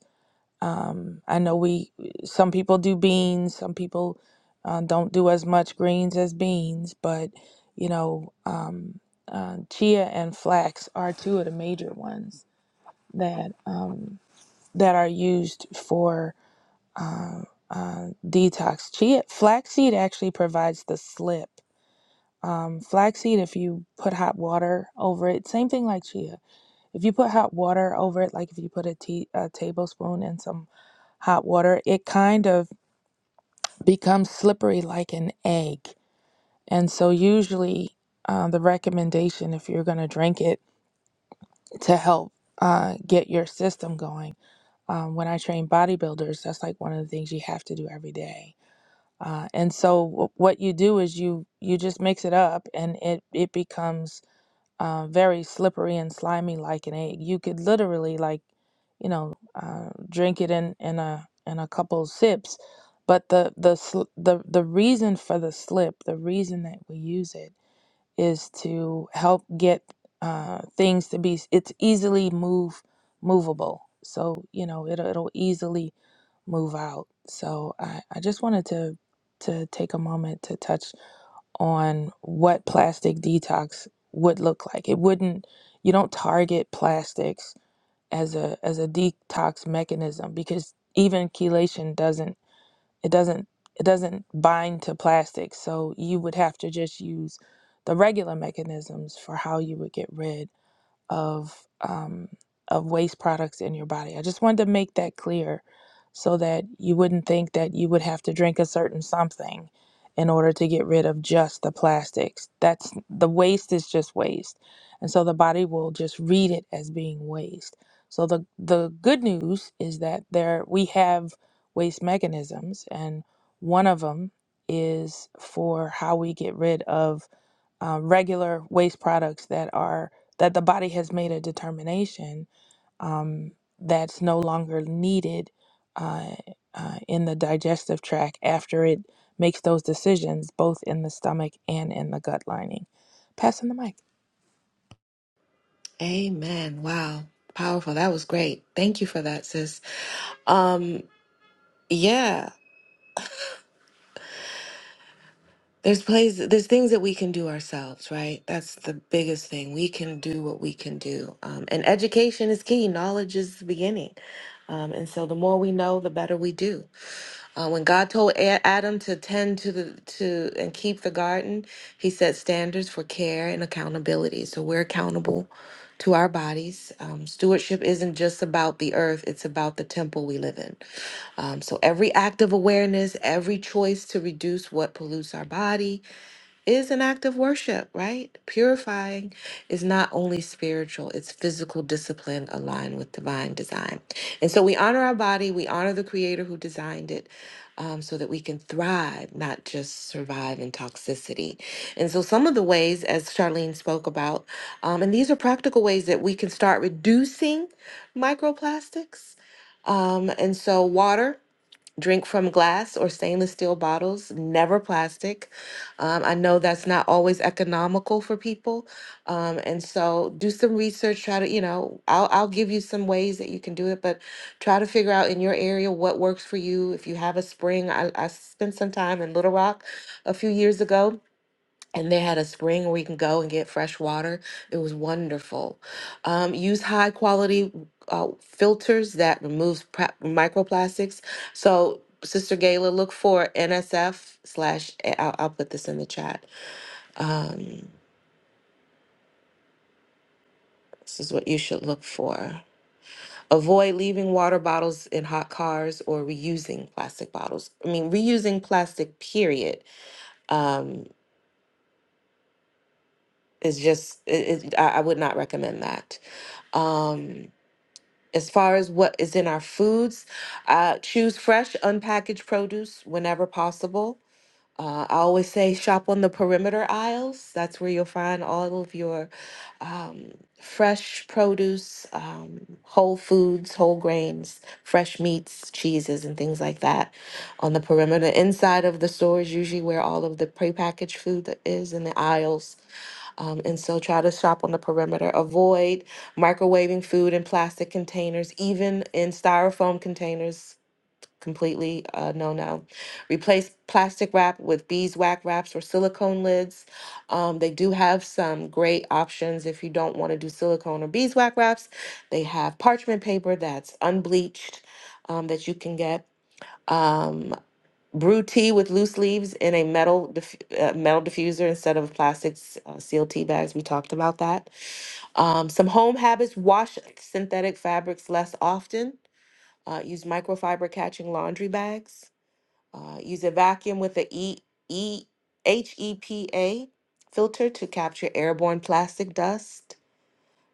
um, I know we some people do beans, some people uh, don't do as much greens as beans, but you know, um, uh, chia and flax are two of the major ones that um, that are used for uh, uh, detox. Chia flaxseed actually provides the slip. Um, flaxseed, if you put hot water over it, same thing like chia. If you put hot water over it, like if you put a tea, a tablespoon and some hot water, it kind of becomes slippery like an egg. And so, usually, uh, the recommendation if you're going to drink it to help uh, get your system going. Um, when I train bodybuilders, that's like one of the things you have to do every day. Uh, and so, w- what you do is you you just mix it up, and it it becomes uh, very slippery and slimy like an egg. You could literally like, you know, uh, drink it in in a in a couple sips. But the the sl- the the reason for the slip, the reason that we use it is to help get uh, things to be. It's easily move movable, so you know it it'll it'll easily move out. So I I just wanted to to take a moment to touch on what plastic detox would look like. It wouldn't you don't target plastics as a as a detox mechanism because even chelation doesn't it doesn't it doesn't bind to plastic. So you would have to just use the regular mechanisms for how you would get rid of um, of waste products in your body. I just wanted to make that clear so that you wouldn't think that you would have to drink a certain something in order to get rid of just the plastics. That's the waste is just waste. And so the body will just read it as being waste. So the the good news is that there we have waste mechanisms and one of them is for how we get rid of uh, regular waste products that are that the body has made a determination um, that's no longer needed uh, uh, in the digestive tract after it makes those decisions both in the stomach and in the gut lining. Passing the mic.
Amen. Wow. Powerful. That was great. Thank you for that, sis. Um, yeah. There's plays there's things that we can do ourselves, right? That's the biggest thing. We can do what we can do. Um, and education is key. Knowledge is the beginning. Um, and so the more we know, the better we do. Uh, when God told A- Adam to tend to the to and keep the garden, He set standards for care and accountability. So we're accountable to our bodies. Um, stewardship isn't just about the earth; it's about the temple we live in. Um, so every act of awareness, every choice to reduce what pollutes our body, is an act of worship, right? Purifying is not only spiritual, it's physical discipline aligned with divine design. And so we honor our body, we honor the creator who designed it um, so that we can thrive, not just survive in toxicity. And so some of the ways, as Charlene spoke about, um, and these are practical ways that we can start reducing microplastics. Um, and so water. Drink from glass or stainless steel bottles, never plastic. Um, I know that's not always economical for people, um, and so do some research. Try to, you know, I'll I'll give you some ways that you can do it, but try to figure out in your area what works for you. If you have a spring, I, I spent some time in Little Rock a few years ago and they had a spring where you can go and get fresh water. It was wonderful. Um, use high quality uh, filters that removes pra- microplastics. So, Sister Gayla, look for NSF slash. eh, I'll, I'll put this in the chat. Um, this is what you should look for. Avoid leaving water bottles in hot cars or reusing plastic bottles. I mean, reusing plastic, period, um, is just, it, it, I, I would not recommend that. Um, As far as what is in our foods, uh, choose fresh, unpackaged produce whenever possible. Uh, I always say shop on the perimeter aisles. That's where you'll find all of your um, fresh produce, um, whole foods, whole grains, fresh meats, cheeses, and things like that on the perimeter. Inside of the store is usually where all of the prepackaged food that is in the aisles um, and so try to shop on the perimeter. Avoid microwaving food in plastic containers, even in styrofoam containers. Completely uh, no no. Replace plastic wrap with beeswax wraps or silicone lids. Um, they do have some great options if you don't want to do silicone or beeswax wraps. They have parchment paper that's unbleached um, that you can get. Um, Brew tea with loose leaves in a metal diff- uh, metal diffuser instead of plastic s- uh, sealed tea bags. We talked about that. Um, some home habits: wash synthetic fabrics less often. Uh, use microfiber catching laundry bags. Uh, use a vacuum with a E E H E P A filter to capture airborne plastic dust.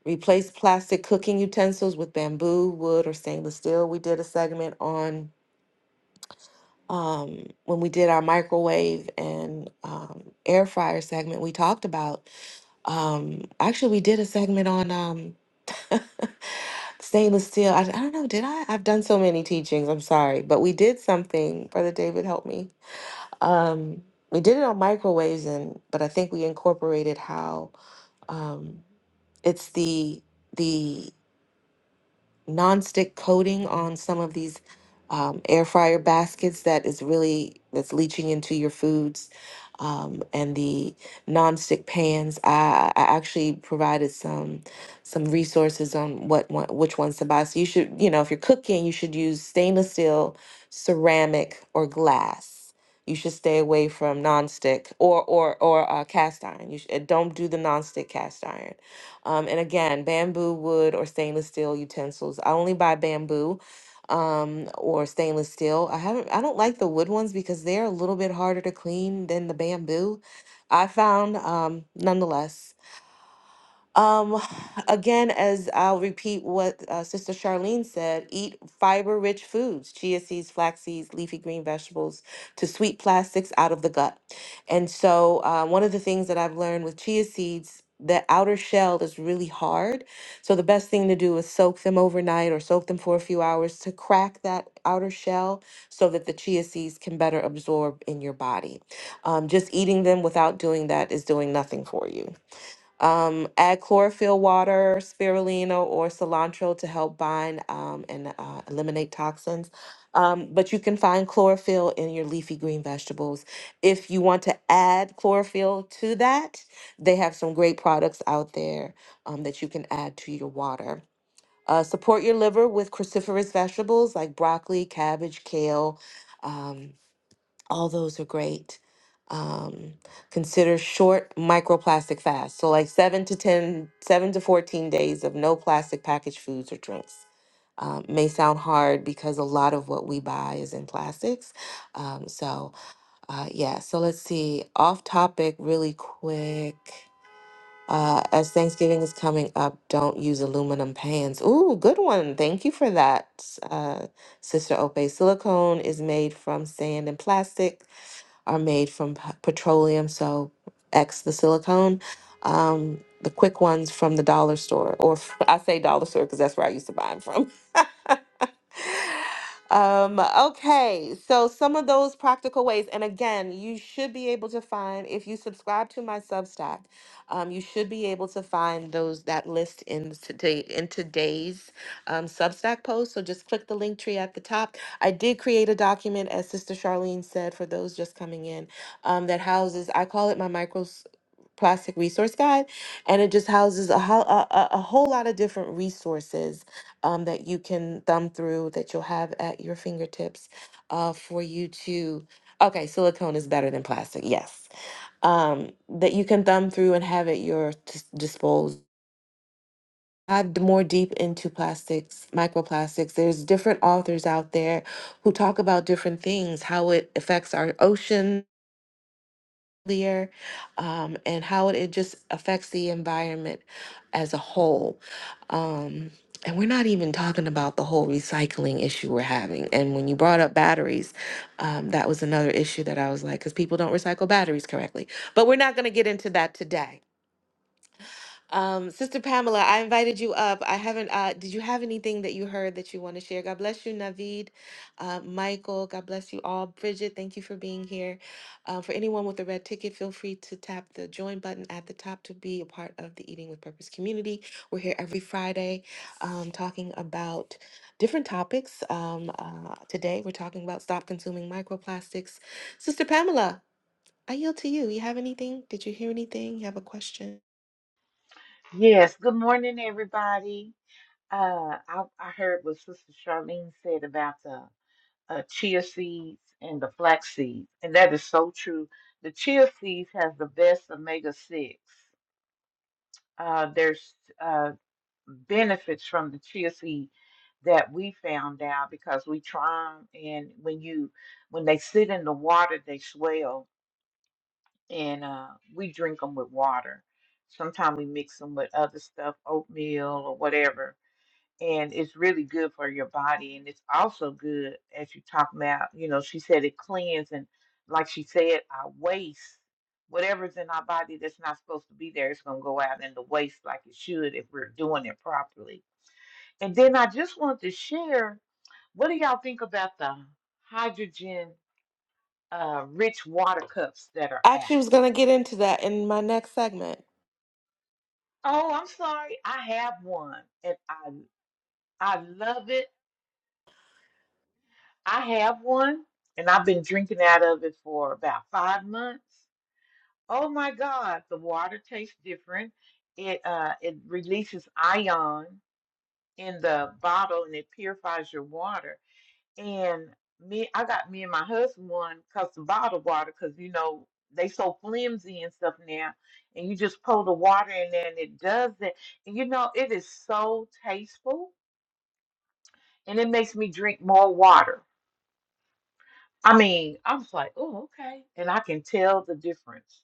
Replace plastic cooking utensils with bamboo, wood, or stainless steel. We did a segment on um, when we did our microwave and um, air fryer segment, we talked about um, actually we did a segment on um, [laughs] stainless steel. I, I don't know, did I? I've done so many teachings. I'm sorry, but we did something. Brother David, help me. Um, we did it on microwaves, and but I think we incorporated how um, it's the the nonstick coating on some of these um, air fryer baskets that is really that's leaching into your foods um, and the nonstick pans. I, I actually provided some some resources on what one, which ones to buy. So you should you know if you're cooking, you should use stainless steel, ceramic, or glass. You should stay away from nonstick or or or uh, cast iron. You should, don't do the nonstick cast iron um, and again, bamboo, wood, or stainless steel utensils. I only buy bamboo um, or stainless steel. I haven't, I don't like the wood ones because they're a little bit harder to clean than the bamboo. I found, um, nonetheless. Um, [sighs] again, as I'll repeat what uh, Sister Charlene said, eat fiber rich foods, chia seeds, flax seeds, leafy green vegetables, to sweep plastics out of the gut. And so, uh, one of the things that I've learned with chia seeds, the outer shell is really hard. So, the best thing to do is soak them overnight or soak them for a few hours to crack that outer shell so that the chia seeds can better absorb in your body. Um, just eating them without doing that is doing nothing for you. Um, add chlorophyll water, spirulina, or cilantro to help bind um, and uh, eliminate toxins. Um, but you can find chlorophyll in your leafy green vegetables. If you want to add chlorophyll to that, they have some great products out there um, that you can add to your water. Uh, support your liver with cruciferous vegetables like broccoli, cabbage, kale. Um, all those are great. Um, consider short microplastic fasts. So, like seven to ten, seven to 14 days of no plastic packaged foods or drinks. Um, may sound hard because a lot of what we buy is in plastics. Um, so, uh, yeah, so let's see. Off topic, really quick. Uh, as Thanksgiving is coming up, don't use aluminum pans. Ooh, good one. Thank you for that, uh, Sister Ope. Silicone is made from sand and plastic are made from p- petroleum, so X the silicone. Um, the quick ones from the dollar store, or [laughs] I say dollar store because that's where I used to buy them from. Um, okay, so some of those practical ways, and again, you should be able to find if you subscribe to my Substack, um, you should be able to find those that list in today in today's um, Substack post. So just click the link tree at the top. I did create a document, as Sister Charlene said, for those just coming in, um, that houses. I call it my micro plastic resource guide and it just houses a, ho- a, a a whole lot of different resources um, that you can thumb through that you'll have at your fingertips uh, for you to okay silicone is better than plastic yes um, that you can thumb through and have at your dis- disposal dive d- more deep into plastics microplastics there's different authors out there who talk about different things how it affects our ocean earlier um, and how it, just affects the environment as a whole. Um, and we're not even talking about the whole recycling issue we're having. And when you brought up batteries, um, that was another issue that I was like, because people don't recycle batteries correctly. But we're not going to get into that today. Um, Sister Pamela, I invited you up. I haven't, uh, did you have anything that you heard that you want to share? God bless you, Navid, uh, Michael. God bless you all. Bridget, thank you for being here. Uh, for anyone with a red ticket, feel free to tap the join button at the top to be a part of the Eating with Purpose community. We're here every Friday um, talking about different topics. Um, uh, today, we're talking about stop consuming microplastics. Sister Pamela, I yield to you. You have anything? Did you hear anything? You have a question?
Yes, good morning, everybody. Uh, I, I heard what Sister Charlene said about the uh, chia seeds and the flax seeds, and that is so true. The chia seeds has the best omega six. Uh, there's uh, benefits from the chia seed that we found out because we try them, and when you when they sit in the water, they swell, and uh, we drink them with water. Sometimes we mix them with other stuff, oatmeal or whatever and it's really good for your body and it's also good as you talk about you know she said it cleans and like she said our waste whatever's in our body that's not supposed to be there it's going to go out in the waste like it should if we're doing it properly and then i just want to share what do y'all think about the hydrogen uh, rich water cups that are out
actually was going to get into that in my next segment.
oh i'm sorry i have one and i i love it I have one, and I've been drinking out of it for about five months. Oh my God, the water tastes different. It uh it releases ion in the bottle and it purifies your water. And me, I got me and my husband one because the bottled water, because you know they so flimsy and stuff now, and you just pour the water in there and it does that. And you know it is so tasteful, and it makes me drink more water I mean, I was like, oh, okay. And I can tell the difference.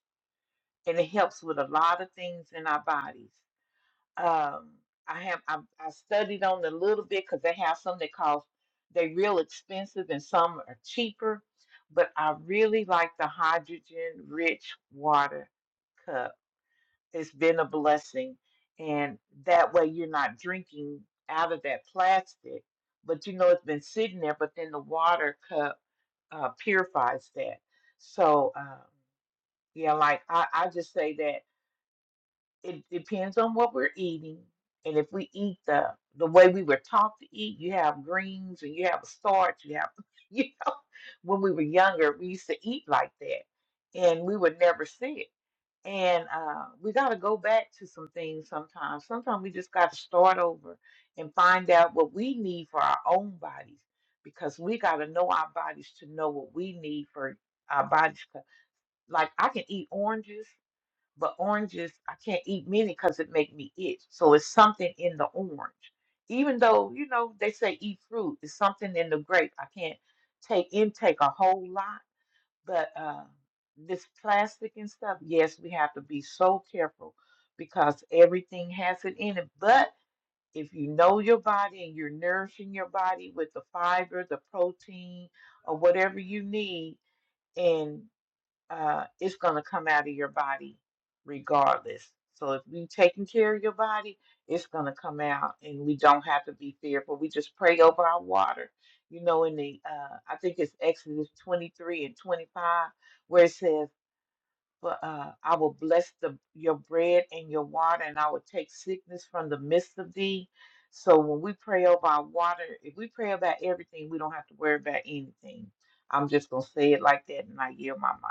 And it helps with a lot of things in our bodies. Um, I have I, I studied on it a little bit because they have some that cost they real expensive and some are cheaper. But I really like the hydrogen rich water cup. It's been a blessing. And that way you're not drinking out of that plastic, but you know it's been sitting there, but then the water cup uh, purifies that. So, um, yeah, like I, I just say that it depends on what we're eating. And if we eat the the way we were taught to eat, you have greens and you have a starch, you have, [laughs] you know, when we were younger, we used to eat like that and we were never sick. And uh, we got to go back to some things sometimes. Sometimes we just got to start over and find out what we need for our own bodies because we got to know our bodies to know what we need for our bodies. 'Cause, Like I can eat oranges, but oranges, I can't eat many because it make me itch. So it's something in the orange. Even though, you know, they say eat fruit, it's something in the grape. I can't take intake a whole lot but uh, this plastic and stuff, yes, we have to be so careful because everything has it in it. But if you know your body and you're nourishing your body with the fiber, the protein, or whatever you need, and uh, it's going to come out of your body regardless. So if you taking care of your body, it's going to come out, and we don't have to be fearful. We just pray over our water. You know, in the uh, I think it's Exodus 23 and 25, where it says, "For uh, I will bless the your bread and your water, and I will take sickness from the midst of thee." So when we pray over our water, if we pray about everything, we don't have to worry about anything. I'm just gonna say it like that, and I yield my mic.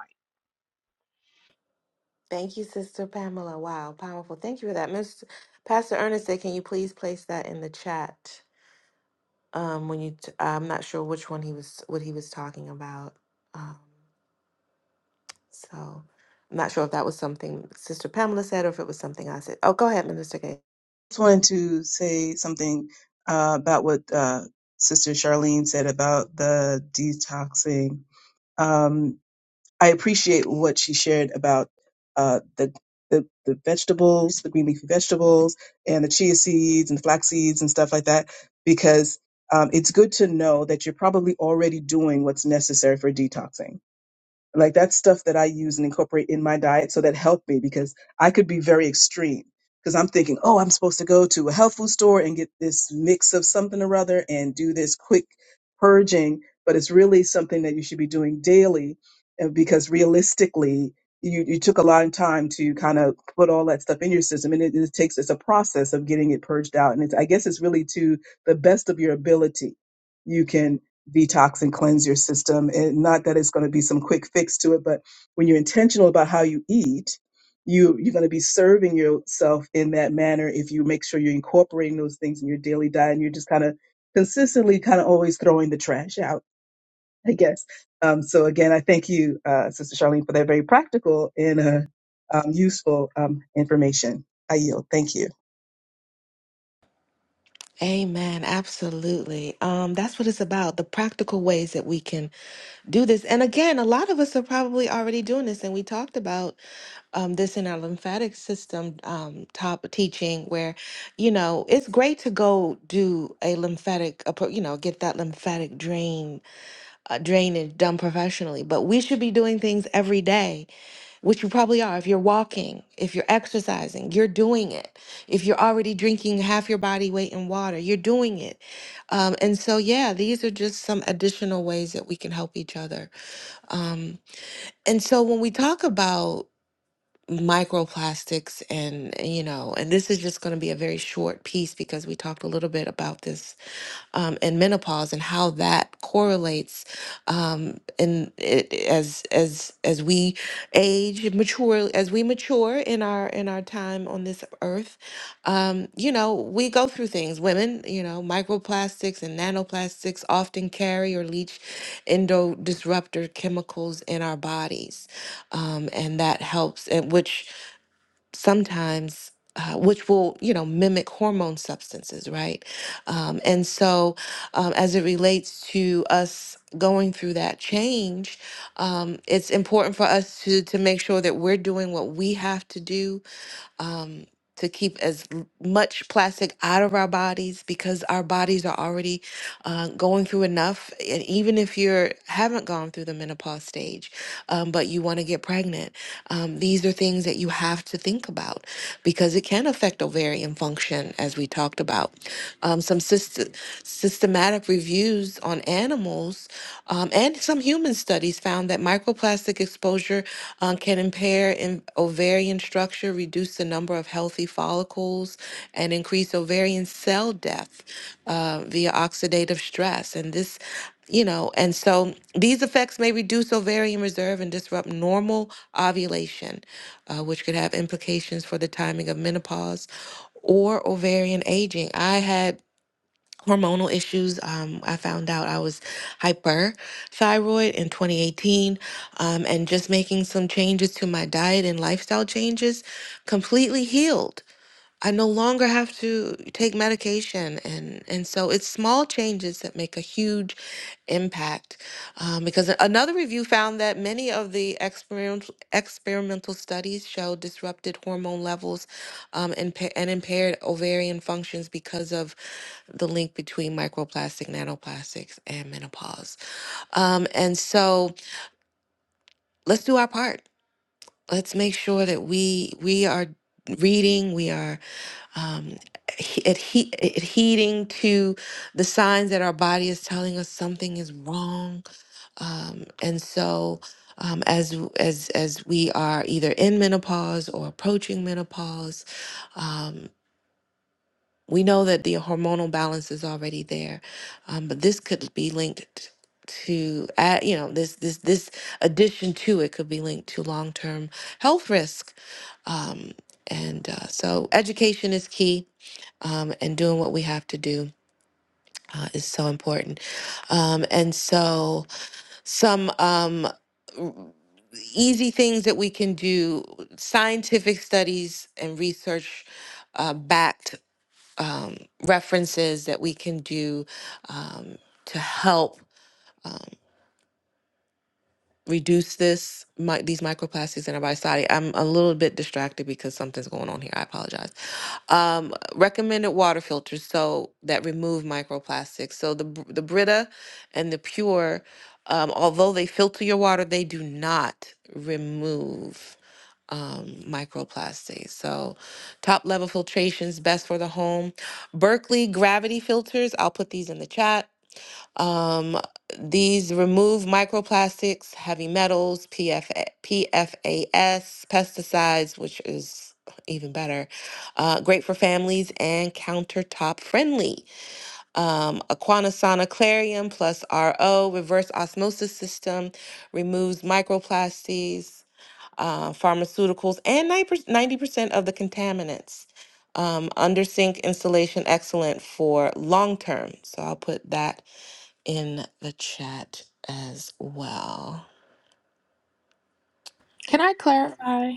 Thank you, Sister Pamela. Wow, powerful. Thank you for that. Miss Pastor Ernest said, can you please place that in the chat? Um, when you, t- I'm not sure which one he was, what he was talking about. Um, so I'm not sure if that was something Sister Pamela said or if it was something I said. Oh, go ahead, Minister Gay.
just wanted to say something uh, about what uh, Sister Charlene said about the detoxing. Um, I appreciate what she shared about uh, the, the the vegetables, the green leafy vegetables, and the chia seeds and the flax seeds and stuff like that, because um, it's good to know that you're probably already doing what's necessary for detoxing like that's stuff that I use and incorporate in my diet. So that helped me because I could be very extreme because I'm thinking, oh, I'm supposed to go to a health food store and get this mix of something or other and do this quick purging. But it's really something that you should be doing daily uh, because realistically, you, you took a long time to kind of put all that stuff in your system and it, it takes it's a process of getting it purged out and it's i guess it's really to the best of your ability you can detox and cleanse your system. And not that it's going to be some quick fix to it, but when you're intentional about how you eat, you you're going to be serving yourself in that manner if you make sure you're incorporating those things in your daily diet and you're just kind of consistently kind of always throwing the trash out, I guess. Um, so again, I thank you, uh, Sister Charlene, for that very practical and uh, um, useful um, information. I yield. Thank you.
Amen. Absolutely. Um, that's what it's about. The practical ways that we can do this. And again, a lot of us are probably already doing this. And we talked about um, this in our lymphatic system um, top teaching where you know it's great to go do a lymphatic appro- you know get that lymphatic drain uh, drainage done professionally but we should be doing things every day which you probably are if you're walking if you're exercising you're doing it if you're already drinking half your body weight in water you're doing it um, and so yeah these are just some additional ways that we can help each other um, and so when we talk about microplastics and eh, you know and this is just going to be a very short piece because we talked a little bit about this um, in menopause and how that correlates um, and it, as as as we age mature as we mature in our in our time on this earth um, you know we go through things women you know microplastics and nanoplastics often carry or leach endo disruptor chemicals in our bodies um, and that helps and which sometimes uh, which will you know mimic hormone substances right um, and so um, as it relates to us going through that change um, it's important for us to to make sure that we're doing what we have to do um, to keep as l- much plastic out of our bodies because our bodies are already uh, going through enough. And even if you haven't gone through the menopause stage, um, but you want to get pregnant, um, these are things that you have to think about because it can affect ovarian function, as we talked about. Um, some syst- systematic reviews on animals um, and some human studies found that microplastic exposure um, can impair in ovarian structure, reduce the number of healthy follicles, and increase ovarian cell death uh, via oxidative stress. And this, you know, and so these effects may reduce ovarian reserve and disrupt normal ovulation, uh, which could have implications for the timing of menopause or ovarian aging. I had hormonal issues. Um, I found out I was hyperthyroid in 2018, um, and just making some changes to my diet and lifestyle changes completely healed. I no longer have to take medication, and and so it's small changes that make a huge impact. Um, because a- another review found that many of the experimental experimental studies show disrupted hormone levels um, and, pa- and impaired ovarian functions because of the link between microplastic, nanoplastics, and menopause. Um, and so let's do our part. Let's make sure that we we are reading, we are um, adhe- adhe- adhering to the signs that our body is telling us something is wrong. Um, and so. Um, as as as we are either in menopause or approaching menopause, um, We know that the hormonal balance is already there, um, but this could be linked to, add, you know, this this this addition to it could be linked to long term health risk, um, and uh, so education is key, um, and doing what we have to do uh, is so important, um, and so some. Um, r- Easy things that we can do, scientific studies and research uh, backed um, references that we can do um, to help reduce this mi- these microplastics in our body. Sorry, I'm a little bit distracted because something's going on here. I apologize. Um, recommended water filters so that remove microplastics. So the Br- the Brita and the Pure, um, although they filter your water, they do not remove. um, microplastics. So, top level filtrations best for the home. Berkeley gravity filters. I'll put these in the chat. Um, these remove microplastics, heavy metals, PFA, PFAS, pesticides, which is even better. Uh, great for families and countertop friendly. Um, Aquanasana Clarium plus RO reverse osmosis system removes microplastics uh, pharmaceuticals, and 90% of the contaminants. Um, under sink installation excellent for long term. So I'll put that in the chat as well.
Can I clarify?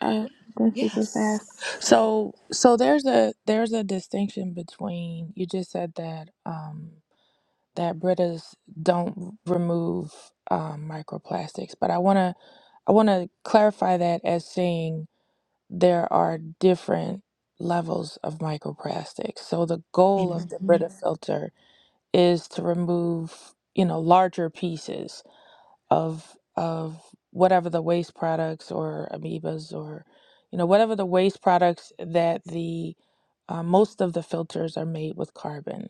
Uh, that's super fast.
Yes.
So, so there's a there's a distinction between you just said that um, that Britas don't remove um, microplastics, but I want to I want to clarify that as saying there are different levels of microplastics. So the goal of the
Mhm.
Brita filter is to remove, you know, larger pieces of of whatever the waste products or amoebas or you know whatever the waste products that the uh, most of the filters are made with carbon.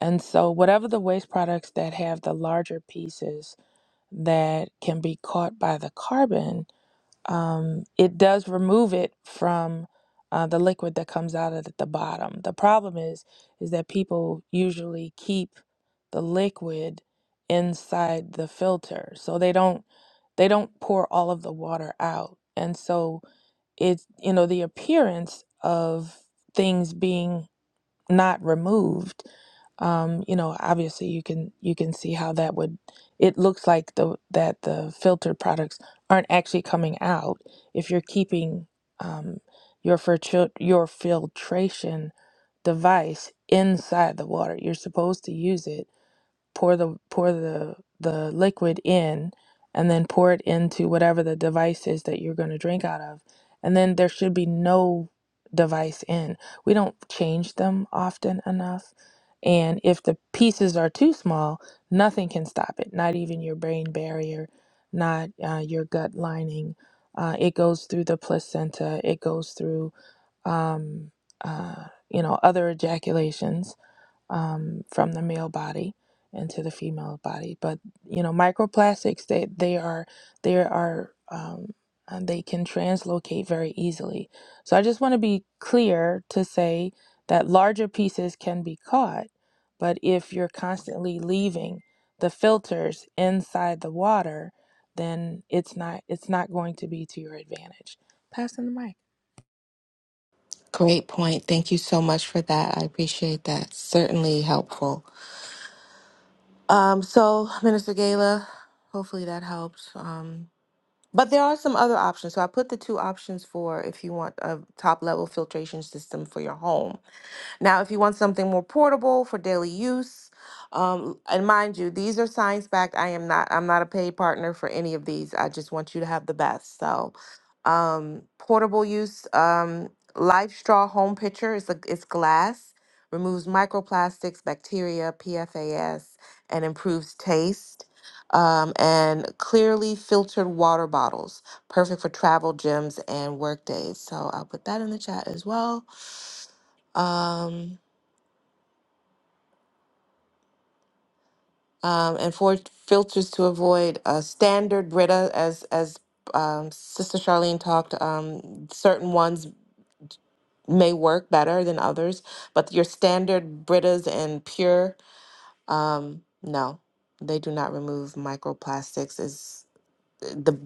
And so, whatever the waste products that have the larger pieces that can be caught by the carbon, um, it does remove it from uh, the liquid that comes out of at the bottom. The problem is is that people usually keep the liquid inside the filter, so they don't they don't pour all of the water out, and so it's you know the appearance of things being not removed um you know obviously you can you can see how that would it looks like the that the filtered products aren't actually coming out if you're keeping um your filtr your filtration device inside the water you're supposed to use it pour the pour the the liquid in and then pour it into whatever the device is that you're going to drink out of and then there should be no device in we don't change them often enough and if the pieces are too small nothing can stop it not even your brain barrier not uh, your gut lining uh, it goes through the placenta it goes through um, uh, you know other ejaculations um, from the male body into the female body. But you know, microplastics they they are they are um, and they can translocate very easily. So I just want to be clear to say that larger pieces can be caught, but if you're constantly leaving the filters inside the water, then it's not it's not going to be to your advantage. Passing the mic.
Great point. Thank you so much for that. I appreciate that. Certainly helpful. Um, so, Minister Gala, hopefully that helped. Um, but there are some other options. So I put the two options for if you want a top level filtration system for your home Now, if you want something more portable for daily use, um, and mind you, these are science backed. I am not. I'm not a paid partner for any of these. I just want you to have the best. So, um, portable use. Um, Life Straw Home Pitcher is a, it's glass, removes microplastics, bacteria, PFAS, and improves taste. Um, and clearly filtered water bottles, perfect for travel, gyms, and work days. So I'll put that in the chat as well. Um, um, and four filters to avoid uh, standard Brita, as as um, Sister Charlene talked. Um, certain ones may work better than others, but your standard Britas and pure, um, no, they do not remove microplastics as the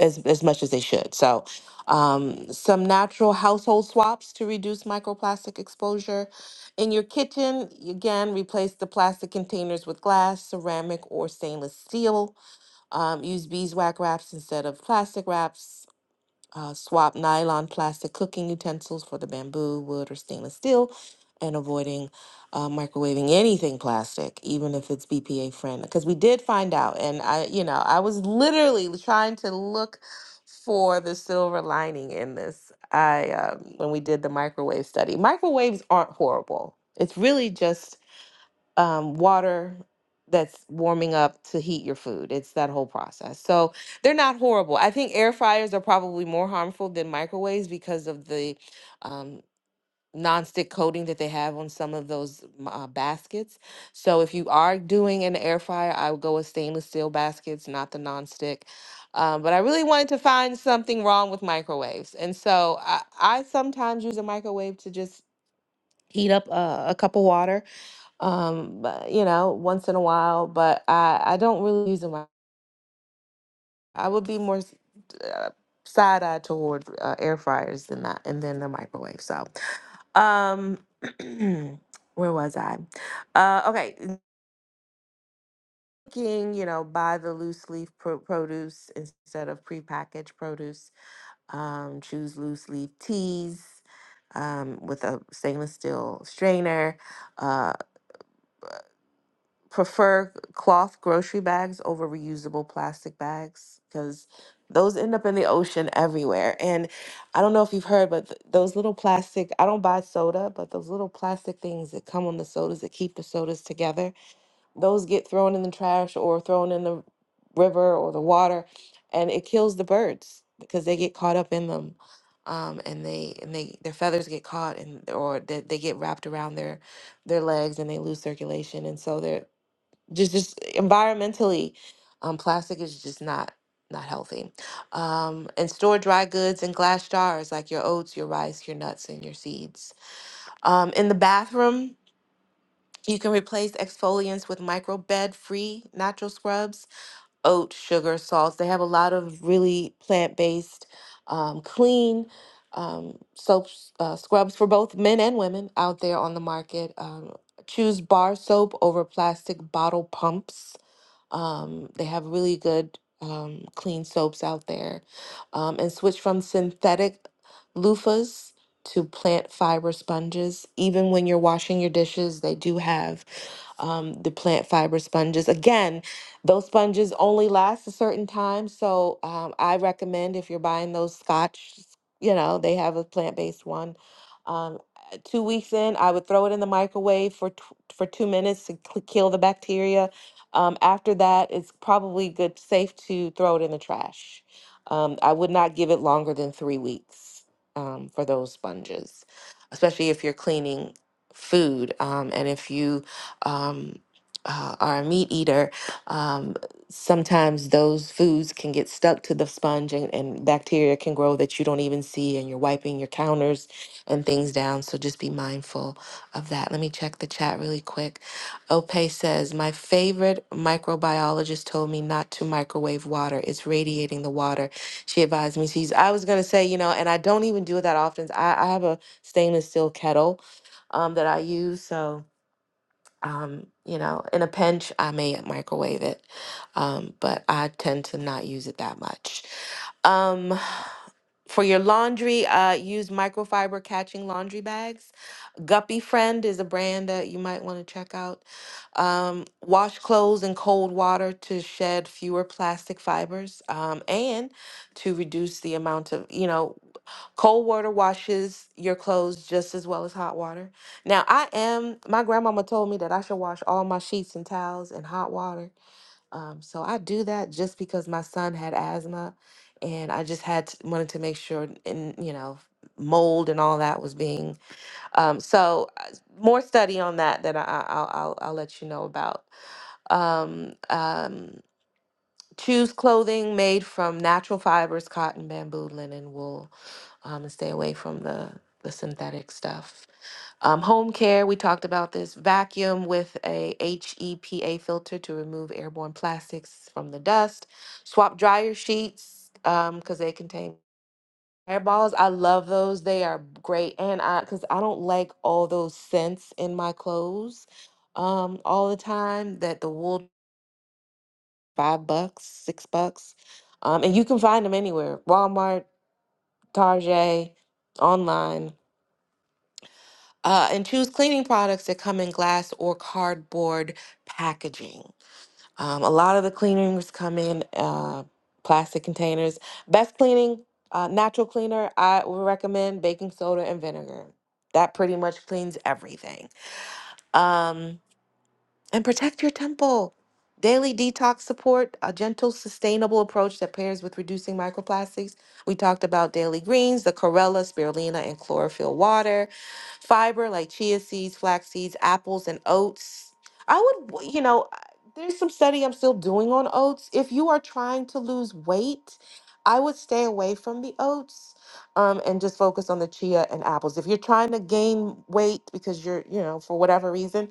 as as much as they should. So, um, some natural household swaps to reduce microplastic exposure. In your kitchen, again, replace the plastic containers with glass, ceramic, or stainless steel um, use beeswax wraps instead of plastic wraps. Uh, swap nylon plastic cooking utensils for the bamboo, wood, or stainless steel, and avoiding uh, microwaving anything plastic, even if it's BPA friendly. Because we did find out, and I, you know, I was literally trying to look for the silver lining in this. I um, when we did the microwave study, microwaves aren't horrible. It's really just um, water that's warming up to heat your food. It's that whole process. So they're not horrible. I think air fryers are probably more harmful than microwaves because of the um, nonstick coating that they have on some of those m- uh, baskets. So if you are doing an air fryer, I would go with stainless steel baskets, not the nonstick. Um, but I really wanted to find something wrong with microwaves. And so I, I sometimes use a microwave to just heat up a, a cup of water um but, you know once in a while but i i don't really use them i I would be more s- uh, side-eyed toward uh, air fryers than that and then the microwave so um [clears throat] where was i uh okay cooking you know buy the loose leaf pro- produce instead of prepackaged produce um choose loose leaf teas um, with a stainless steel strainer uh, prefer cloth grocery bags over reusable plastic bags because those end up in the ocean everywhere. And I don't know if you've heard, but th- those little plastic, I don't buy soda, but those little plastic things that come on the sodas that keep the sodas together, those get thrown in the trash or thrown in the river or the water, and it kills the birds because they get caught up in them. Um, and they and they their feathers get caught and or they, they get wrapped around their their legs and they lose circulation and so they're just just environmentally um, plastic is just not not healthy um, and store dry goods in glass jars like your oats your rice your nuts and your seeds um, in the bathroom you can replace exfoliants with microbed free natural scrubs oat sugar salts they have a lot of really plant-based um, clean um, soaps uh, scrubs for both men and women out there on the market um, choose bar soap over plastic bottle pumps um, they have really good um, clean soaps out there. Um, and switch from synthetic loofahs to plant fiber sponges. Even when you're washing your dishes, they do have um, the plant fiber sponges. Again, those sponges only last a certain time. So um, I recommend if you're buying those scotch, you know, they have a plant based one. Um, uh, two weeks in, I would throw it in the microwave for tw- for two minutes to cl- kill the bacteria. Um, after that, it's probably good, safe to throw it in the trash. Um, I would not give it longer than three weeks um, for those sponges, especially if you're cleaning food um, and if you um, uh, are a meat eater, um, sometimes those foods can get stuck to the sponge and, and bacteria can grow that you don't even see, and you're wiping your counters and things down. So just be mindful of that. Let me check the chat really quick. Ope says, My favorite microbiologist told me not to microwave water, it's radiating the water. She advised me, she's, I was going to say, you know, and I don't even do it that often. I, I have a stainless steel kettle um, that I use. So, um, you know, in a pinch, I may microwave it, um, but I tend to not use it that much. Um, for your laundry, uh, use microfiber catching laundry bags. Guppy Friend is a brand that you might want to check out. Um, wash clothes in cold water to shed fewer plastic fibers um, and to reduce the amount of, you know, Cold water washes your clothes just as well as hot water. Now, I am, my grandmama told me that I should wash all my sheets and towels in hot water. Um, so I do that just because my son had asthma and I just had to, wanted to make sure, and you know, mold and all that was being. Um, so uh, more study on that that I, I- I'll, I'll, I'll let you know about. Um, um, Choose clothing made from natural fibers, cotton, bamboo, linen, wool, um, and stay away from the, the synthetic stuff. Um, home care, we talked about this. Vacuum with a H E P A filter to remove airborne plastics from the dust. Swap dryer sheets because they contain hairballs. I love those. They are great, and I because I don't like all those scents in my clothes um, all the time. That the wool five bucks, six bucks. Um, and you can find them anywhere Walmart, Target, online. Uh, and choose cleaning products that come in glass or cardboard packaging. Um, a lot of the cleaners come in uh, plastic containers. Best cleaning, uh, natural cleaner, I would recommend baking soda and vinegar. That pretty much cleans everything. Um, and protect your temple. Daily detox support, a gentle, sustainable approach that pairs with reducing microplastics. We talked about daily greens, the Corella, spirulina, and chlorophyll water, fiber like chia seeds, flax seeds, apples, and oats. I would, you know, I- there's some study I'm still doing on oats. If you are trying to lose weight, I would stay away from the oats um, and just focus on the chia and apples. If you're trying to gain weight because you're, you know, for whatever reason,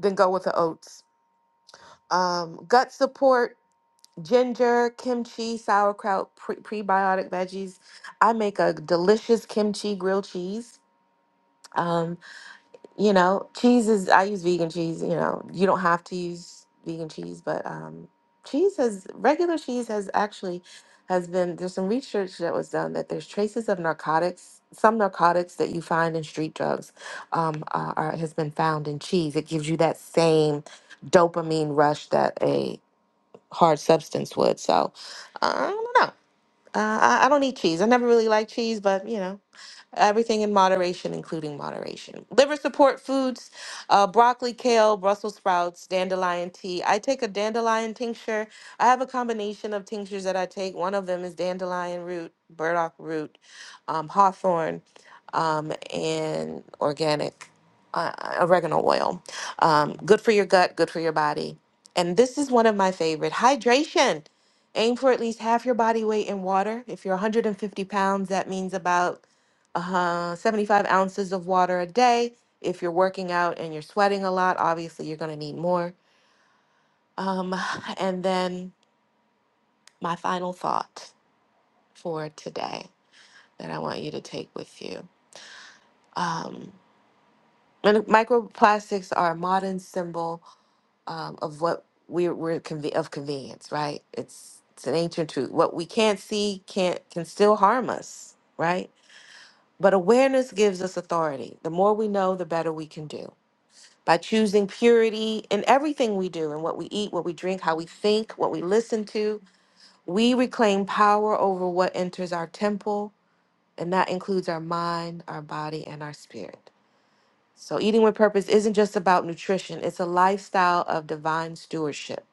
then go with the oats um, gut support, ginger, kimchi, sauerkraut, pre- prebiotic veggies. I make a delicious kimchi grilled cheese. Um, you know, cheese is, I use vegan cheese. You know, you don't have to use vegan cheese, but um, cheese has, regular cheese has actually, has been, there's some research that was done that there's traces of narcotics. Some narcotics that you find in street drugs um, are, are, has been found in cheese. It gives you that same dopamine rush that a hard substance would. So uh, I don't know. Uh, I, I don't eat cheese. I never really liked cheese, but you know. Everything in moderation, including moderation. Liver support foods, uh, broccoli, kale, Brussels sprouts, dandelion tea. I take a dandelion tincture. I have a combination of tinctures that I take. One of them is dandelion root, burdock root, um, hawthorn, um, and organic uh, oregano oil. Um, good for your gut, good for your body. And this is one of my favorite hydration. Aim for at least half your body weight in water. If you're 150 pounds, that means about uh, 75 ounces of water a day. If you're working out and you're sweating a lot, obviously you're going to need more. Um, [sighs] and then my final thought for today that I want you to take with you. Um, and microplastics are a modern symbol um, of what we're, we're conve- of convenience, right? It's it's an ancient truth. What we can't see can't can still harm us, right? But awareness gives us authority. The more we know, the better we can do. by choosing purity in everything we do and what we eat, what we drink, how we think, what we listen to, we reclaim power over what enters our temple, and that includes our mind, our body, and our spirit. So, eating with purpose isn't just about nutrition, it's a lifestyle of divine stewardship.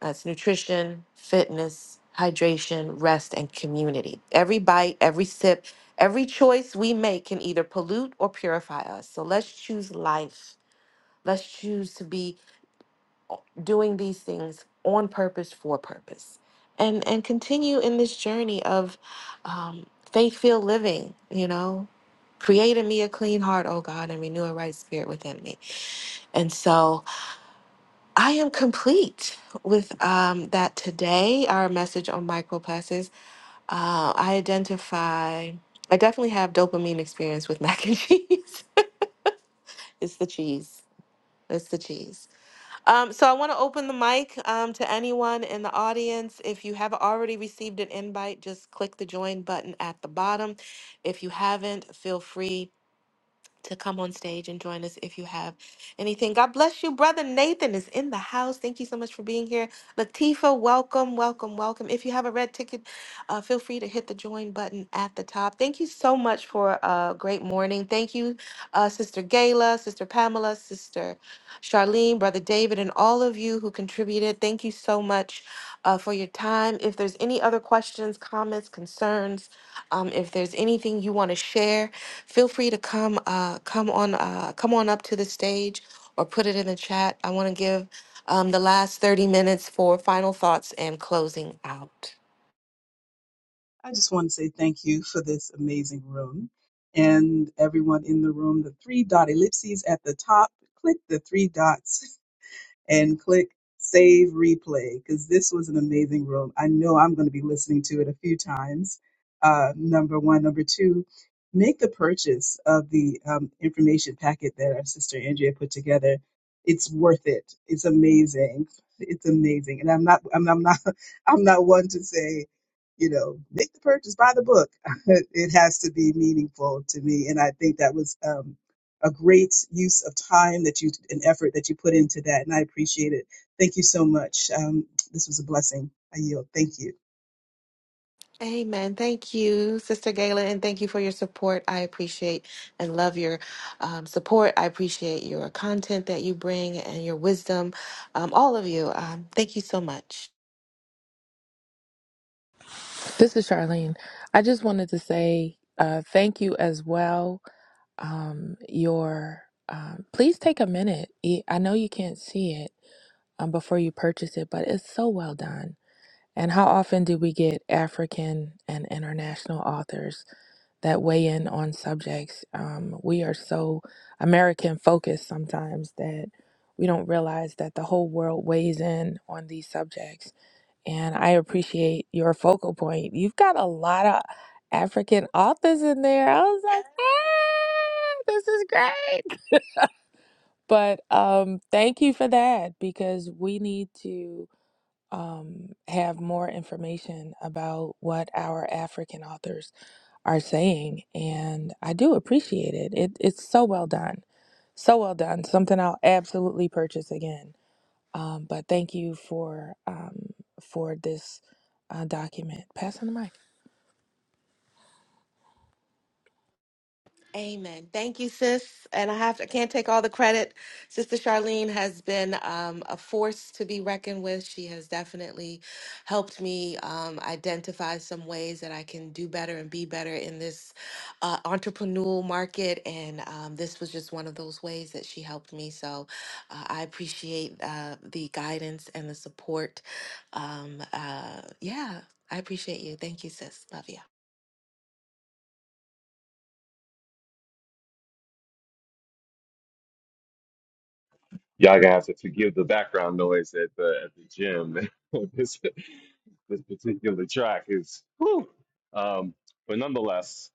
That's nutrition, fitness, hydration, rest, and community. Every bite, every sip, every choice we make can either pollute or purify us. So, let's choose life. Let's choose to be doing these things on purpose for purpose and and continue in this journey of um, faith-filled living you know create in me a clean heart oh god and renew a right spirit within me and so i am complete with um, that today our message on microplastics uh, i identify i definitely have dopamine experience with mac and [laughs] cheese it's the cheese it's the cheese Um, so I want to open the mic um, to anyone in the audience. If you have already received an invite, just click the join button at the bottom. If you haven't, feel free to come on stage and join us if you have anything. God bless you. Brother Nathan is in the house. Thank you so much for being here. Latifa, welcome, welcome, welcome. If you have a red ticket, uh, feel free to hit the join button at the top. Thank you so much for a great morning. Thank you, uh, Sister Gayla, Sister Pamela, Sister Charlene, Brother David, and all of you who contributed. Thank you so much uh, for your time. If there's any other questions, comments, concerns, um, if there's anything you want to share, feel free to come uh, come on uh, come on up to the stage or put it in the chat. I want to give um, the last 30 minutes for final thoughts and closing out.
I just want to say thank you for this amazing room and everyone in the room. The three dot ellipses at the top, click the three dots [laughs] and click save replay because this was an amazing room. I know I'm going to be listening to it a few times. Uh, number one. Number two, make the purchase of the um, information packet that our sister Andrea put together. It's worth it. It's amazing. It's amazing. And I'm not, I'm, I'm not, [laughs] I'm not one to say, you know, make the purchase, buy the book. [laughs] it has to be meaningful to me. And I think that was, um, a great use of time that you and effort that you put into that, and I appreciate it. Thank you so much. Um, this was a blessing. I yield. Thank you.
Amen. Thank you, Sister Gayla, and thank you for your support. I appreciate and love your um, support. I appreciate your content that you bring and your wisdom. Um, all of you. Um, thank you so much.
This is Charlene. I just wanted to say uh, thank you as well. Um, your um, please take a minute. E- I know you can't see it um, before you purchase it, but it's so well done. And how often do we get African and international authors that weigh in on subjects? Um, we are so American focused sometimes that we don't realize that the whole world weighs in on these subjects and I appreciate your focal point. You've got a lot of African authors in there. I was like, ah, this is great. But um, thank you for that because we need to um, have more information about what our African authors are saying. And I do appreciate it. it. It's so well done. So well done. Something I'll absolutely purchase again. Um, but thank you for um, for this uh, document. Passing the mic.
Amen. Thank you, sis. And I have I can't take all the credit. Sister Charlene has been um, a force to be reckoned with. She has definitely helped me um, identify some ways that I can do better and be better in this uh, entrepreneurial market. And um, this was just one of those ways that she helped me. So uh, I appreciate uh, the guidance and the support. Um, uh, yeah, I appreciate you. Thank you, sis. Love you.
Y'all gonna have to forgive the background noise at the at the gym. [laughs] this this particular track is whew. Um, but nonetheless,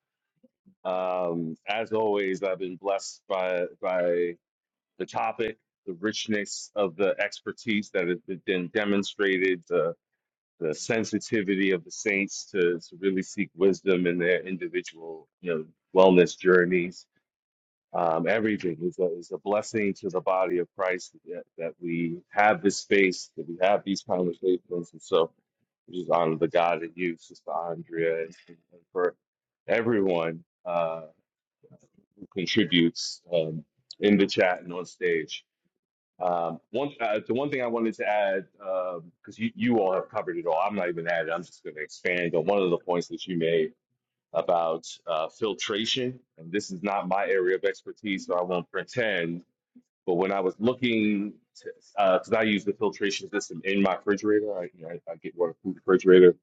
um, as always, I've been blessed by by the topic, the richness of the expertise that has been demonstrated, the sensitivity of the saints to, to really seek wisdom in their individual, you know, wellness journeys. Um, everything is a, is a blessing to the body of Christ that, that we have this space, that we have these conversations. And so we just honor the God in you, Sister Andrea, and, and for everyone uh, who contributes um, in the chat and on stage. Um, one, uh, the one thing I wanted to add, because you, you all have covered it all, I'm not even adding, I'm just going to expand on one of the points that you made about uh, filtration. And this is not my area of expertise, so I won't pretend. But when I was looking, because I use the filtration system in my refrigerator, I, you know, I, I get one food refrigerator,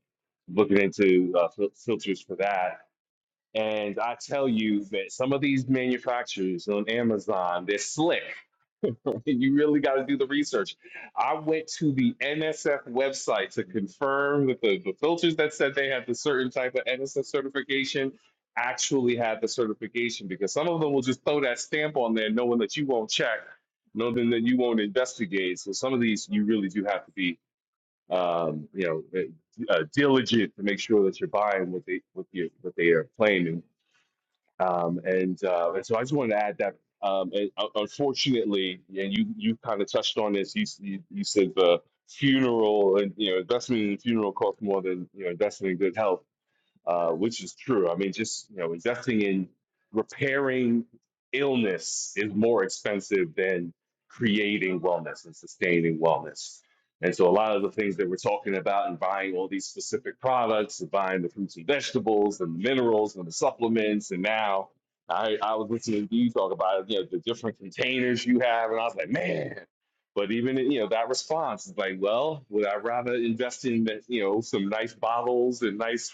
looking into uh, fil- filters for that. And I tell you that some of these manufacturers on Amazon, they're slick [laughs] you really got to do the research. I went to the NSF website to confirm that the, the filters that said they had the certain type of NSF certification actually had the certification because some of them will just throw that stamp on there knowing that you won't check, knowing that you won't investigate. So some of these you really do have to be um, you know eh, uh, diligent to make sure that you're buying what they what you what they are claiming. Um, and uh, and so I just wanted to add that um, and, uh, unfortunately, and you you kind of touched on this. You, s- you you said the funeral and you know investment in the funeral costs more than you know investment in good health uh, which is true. I mean, just you know, investing in repairing illness is more expensive than creating wellness and sustaining wellness. And so, a lot of the things that we're talking about and buying all these specific products, and buying the fruits and vegetables and the minerals and the supplements, and now I, I was listening to you talk about you know the different containers you have, and I was like, man. But even you know that response is like, well, would I rather invest in you know some nice bottles and nice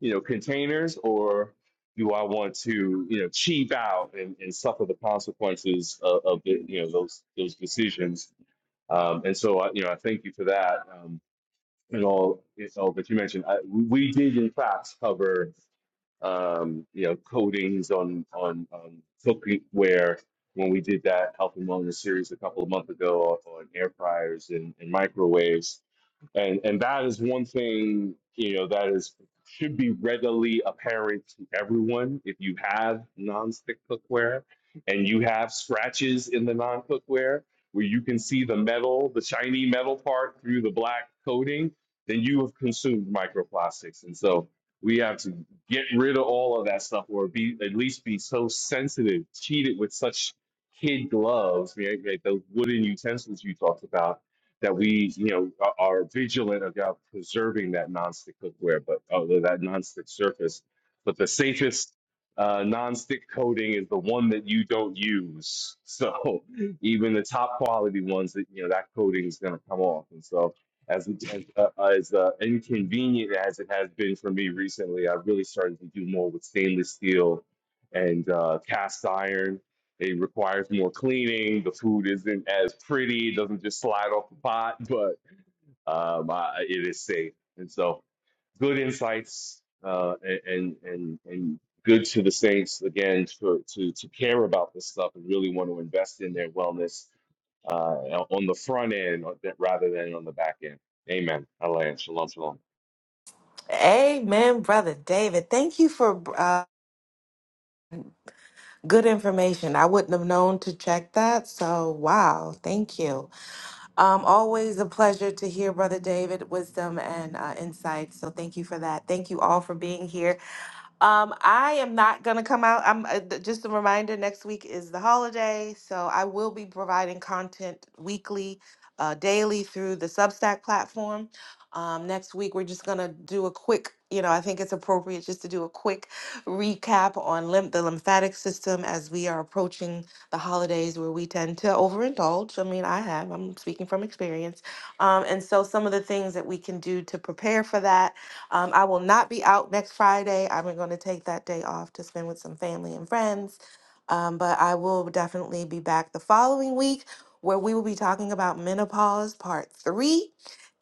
you know, containers, or do I want to, you know, cheap out and, and suffer the consequences of, of the, you know, those those decisions? Um, and so, I, you know, I thank you for that. Um, and all, you know, that you mentioned. I, we did in fact cover um, you know, coatings on on um, cookware. When we did that health and wellness series a couple of months ago on air fryers and, and microwaves, and and that is one thing you know that is should be readily apparent to everyone if you have nonstick cookware and you have scratches in the non-cookware where you can see the metal, the shiny metal part through the black coating, then you have consumed microplastics. And so we have to get rid of all of that stuff, or be at least be so sensitive, cheated with such kid gloves, right? Like those wooden utensils you talked about, that we, you know, are, are vigilant about preserving that nonstick cookware, but uh, that nonstick surface. But the safest uh, nonstick coating is the one that you don't use. So [laughs] even the top quality ones that you know that coating is going to come off, and so as as, uh, as uh, inconvenient as it has been for me recently, I've really started to do more with stainless steel and uh, cast iron. It requires more cleaning. The food isn't as pretty; it doesn't just slide off the pot, but um, I, it is safe. And so, good insights uh, and and and good to the saints again for, to to care about this stuff and really want to invest in their wellness uh, on the front end rather than on the back end. Amen. Alan, shalom, shalom.
Amen, Brother David. Thank you for. uh, Good information. I wouldn't have known to check that. So, wow, thank you. Um, always a pleasure to hear Brother David wisdom and uh, insight. So, thank you for that. Thank you all for being here. Um, I am not gonna come out. I'm uh, th- just a reminder. Next week is the holiday, so I will be providing content weekly, uh, daily through the Substack platform. Um, next week, we're just gonna do a quick. You know, I think it's appropriate just to do a quick recap on lymph the lymphatic system as we are approaching the holidays, where we tend to overindulge. I mean, I have. I'm speaking from experience, um, and so some of the things that we can do to prepare for that um, I will not be out next Friday. I'm going to take that day off to spend with some family and friends. Um, but I will definitely be back the following week where we will be talking about menopause part three.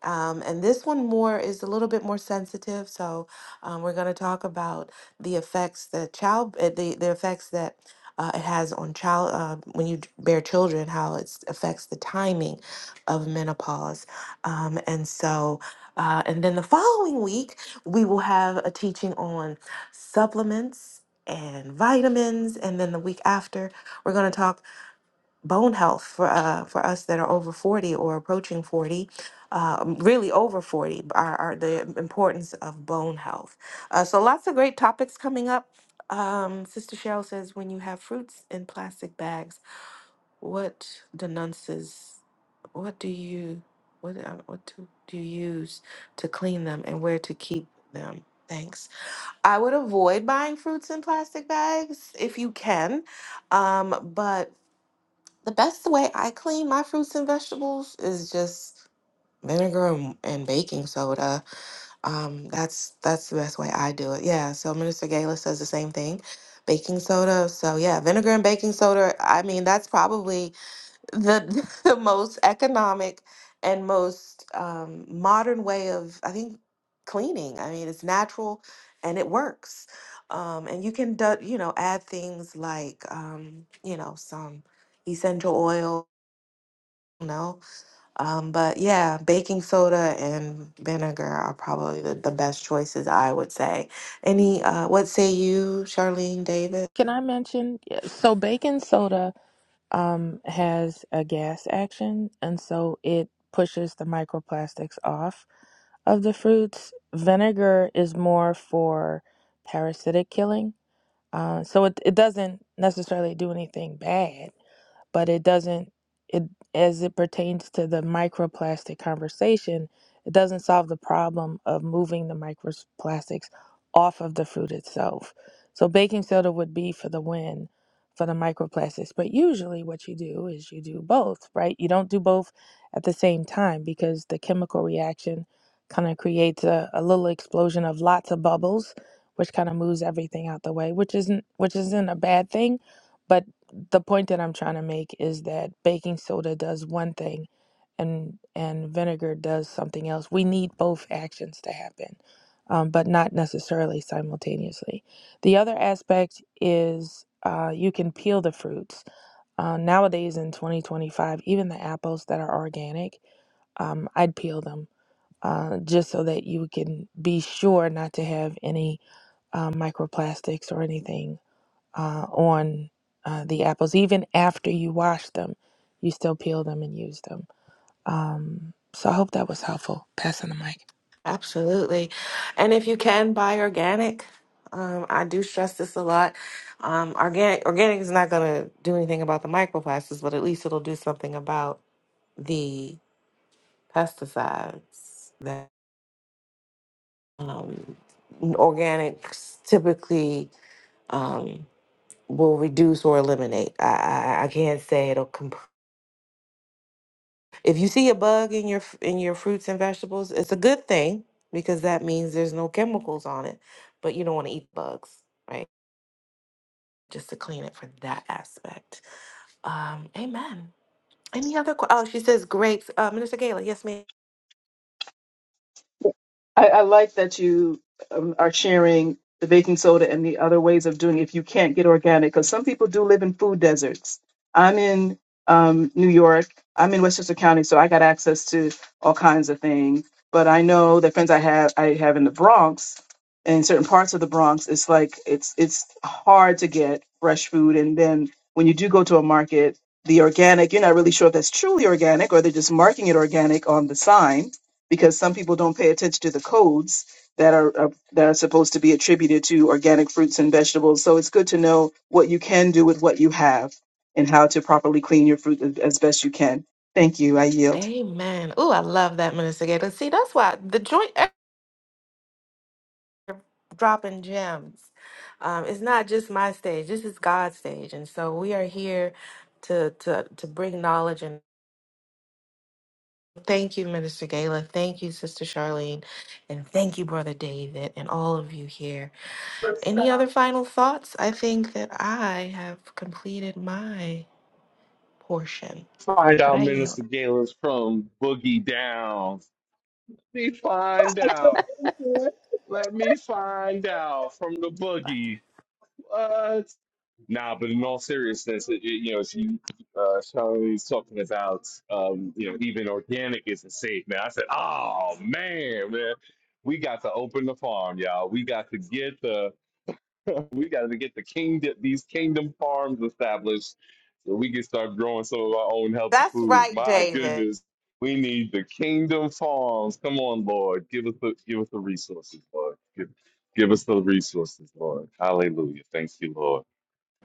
Um, and this one more is a little bit more sensitive. So um, we're going to talk about the effects that child, uh, the, the effects that uh, it has on child uh, when you bear children, how it affects the timing of menopause. Um, and so, uh, and then the following week, we will have a teaching on supplements and vitamins. And then the week after, we're going to talk bone health for uh, for us that are over 40 or approaching 40 um, really over 40 are, are the importance of bone health uh, so lots of great topics coming up um, sister cheryl says when you have fruits in plastic bags what denounces what do you what uh, what do, do you use to clean them and where to keep them thanks i would avoid buying fruits in plastic bags if you can um, but the best way I clean my fruits and vegetables is just vinegar and, and baking soda. Um, that's that's the best way I do it. Yeah. So Minister Gala says the same thing. Baking soda. So yeah, vinegar and baking soda. I mean, that's probably the [laughs] the most economic and most um, modern way of I think cleaning. I mean, it's natural and it works. Um, and you can do, you know add things like um, you know some essential oils no, um, but yeah, baking soda and vinegar are probably the, the best choices, I would say. Any, uh, what say you, Charlene David?
Can I mention? yeah, So baking soda um, has a gas action, and so it pushes the microplastics off of the fruits. Vinegar is more for parasitic killing, uh, so it it doesn't necessarily do anything bad but it doesn't it as it pertains to the microplastic conversation it doesn't solve the problem of moving the microplastics off of the fruit itself so baking soda would be for the win for the microplastics but usually what you do is you do both right you don't do both at the same time because the chemical reaction kind of creates a, a little explosion of lots of bubbles which kind of moves everything out the way which isn't which isn't a bad thing but the point that I'm trying to make is that baking soda does one thing and and vinegar does something else. We need both actions to happen, um, but not necessarily simultaneously. The other aspect is uh, you can peel the fruits. Uh, nowadays in 2025, even the apples that are organic, um, I'd peel them uh, just so that you can be sure not to have any uh, microplastics or anything uh, on uh, the apples. Even after you wash them, you still peel them and use them. Um, so I hope that was helpful. Passing the mic.
Absolutely. And if you can buy organic, um, I do stress this a lot. Um, organic, organic is not going to do anything about the microplastics, but at least it'll do something about the pesticides that um, organics typically. Um, will reduce or eliminate. I I, I can't say it'll. Comp- if you see a bug in your f- in your fruits and vegetables, it's a good thing because that means there's no chemicals on it. But you don't want to eat bugs, right? Just to clean it for that aspect. Um, amen. Any other? que- Oh, she says grapes. Uh, Minister Gala, yes, ma'am.
I, I like that you um, are sharing the baking soda and the other ways of doing it if you can't get organic, because some people do live in food deserts. I'm in um, New York, I'm in Westchester County, so I got access to all kinds of things. But I know the friends I have I have in the Bronx, in certain parts of the Bronx, it's like it's it's hard to get fresh food, and then when you do go to a market, the organic, you're not really sure if that's truly organic or they're just marking it organic on the sign because some people don't pay attention to the codes that are, are that are supposed to be attributed to organic fruits and vegetables. So it's good to know what you can do with what you have and how to properly clean your fruit as as best you can. Thank you. I yield.
Amen. Oh, I love that, Minister Gala. See, that's why the joint. dropping gems. Um, it's not just my stage. This is God's stage, and so we are here to to to bring knowledge. And thank you, Minister Gala. Thank you, Sister Charlene, and thank you, Brother David, and all of you here. Any other final thoughts? I think that I have completed my portion,
Find
but
out,
I
Minister
yield.
Galen's from Boogie Downs. Let me find out. Let me find out from the Boogie. What? Nah, but in all seriousness, it, it- you know, she, uh, Charlene's talking about, um, you know, even organic isn't safe, man. I said, oh man, man, we got to open the farm, y'all. We got to get the [laughs] we got to get the kingdom, these kingdom farms established, so we can start growing some of our own healthy
That's
food.
right,
My
David.
goodness, we need the kingdom farms. Come on, Lord, give us the give us the resources, Lord. Give, give us the resources, Lord. Hallelujah. Thank you, Lord.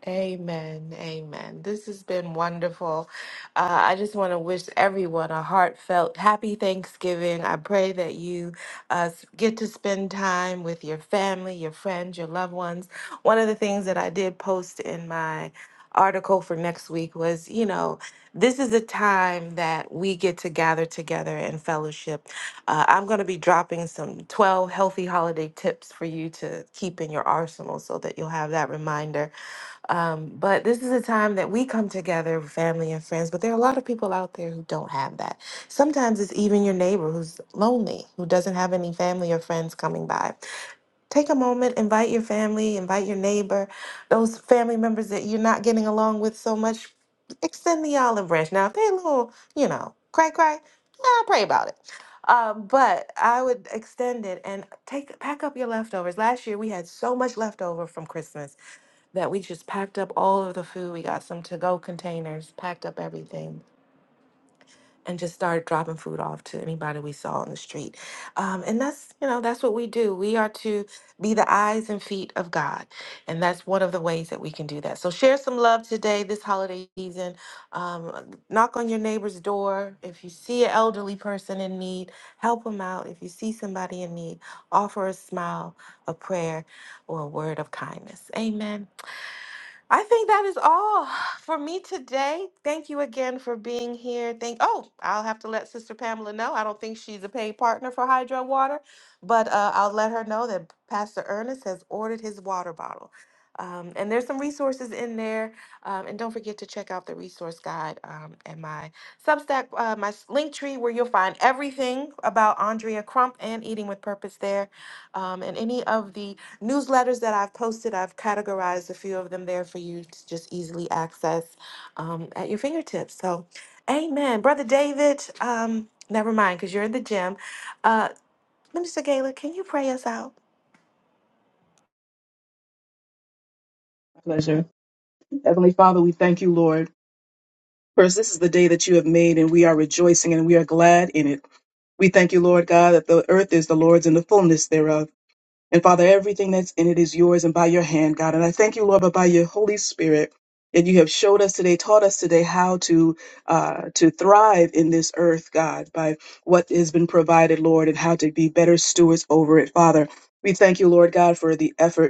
Amen. Amen. This has been wonderful. Uh, I just want to wish everyone a heartfelt happy Thanksgiving. I pray that you uh, s- get to spend time with your family, your friends, your loved ones. One of the things that I did post in my article for next week was you know, this is a time that we get to gather together and fellowship. Uh, I'm going to be dropping some 12 healthy holiday tips for you to keep in your arsenal so that you'll have that reminder um, but this is a time that we come together, family and friends. But there are a lot of people out there who don't have that. Sometimes it's even your neighbor who's lonely, who doesn't have any family or friends coming by. Take a moment, invite your family, invite your neighbor, those family members that you're not getting along with so much. Extend the olive branch. Now, if they're a little, you know, cry, cry, yeah, pray about it. Um, but I would extend it and take pack up your leftovers. Last year we had so much leftover from Christmas that we just packed up all of the food. We got some to go containers, packed up everything, and just started dropping food off to anybody we saw on the street. Um, and that's, you know, that's what we do. We are to be the eyes and feet of God. And that's one of the ways that we can do that. So share some love today, this holiday season. Um, knock on your neighbor's door. If you see an elderly person in need, help them out. If you see somebody in need, offer a smile, a prayer, or a word of kindness. Amen. I think that is all for me today. Thank you again for being here. Thank oh, I'll have to let Sister Pamela know. I don't think she's a paid partner for Hydro Water, but uh, I'll let her know that Pastor Ernest has ordered his water bottle. Um, and there's some resources in there. Um, and don't forget to check out the resource guide um, and my Substack, uh, my s- link tree, where you'll find everything about Andrea Crump and Eating with Purpose there. Um, and any of the newsletters that I've posted, I've categorized a few of them there for you to just easily access um, at your fingertips. So, amen. Brother David, um, never mind, because you're in the gym. Uh, Minister Gaylor, can you pray us out?
My Pleasure. Heavenly Father, we thank you, Lord. First, this is the day that you have made, and we are rejoicing and we are glad in it. We thank you, Lord God, that the earth is the Lord's and the fullness thereof And Father, everything that's in it is yours and by your hand, God. And I thank you, Lord, but by your Holy Spirit that you have showed us today, taught us today how to uh, to thrive in this earth, God, by what has been provided, Lord, and how to be better stewards over it, Father. We thank you, Lord God, for the effort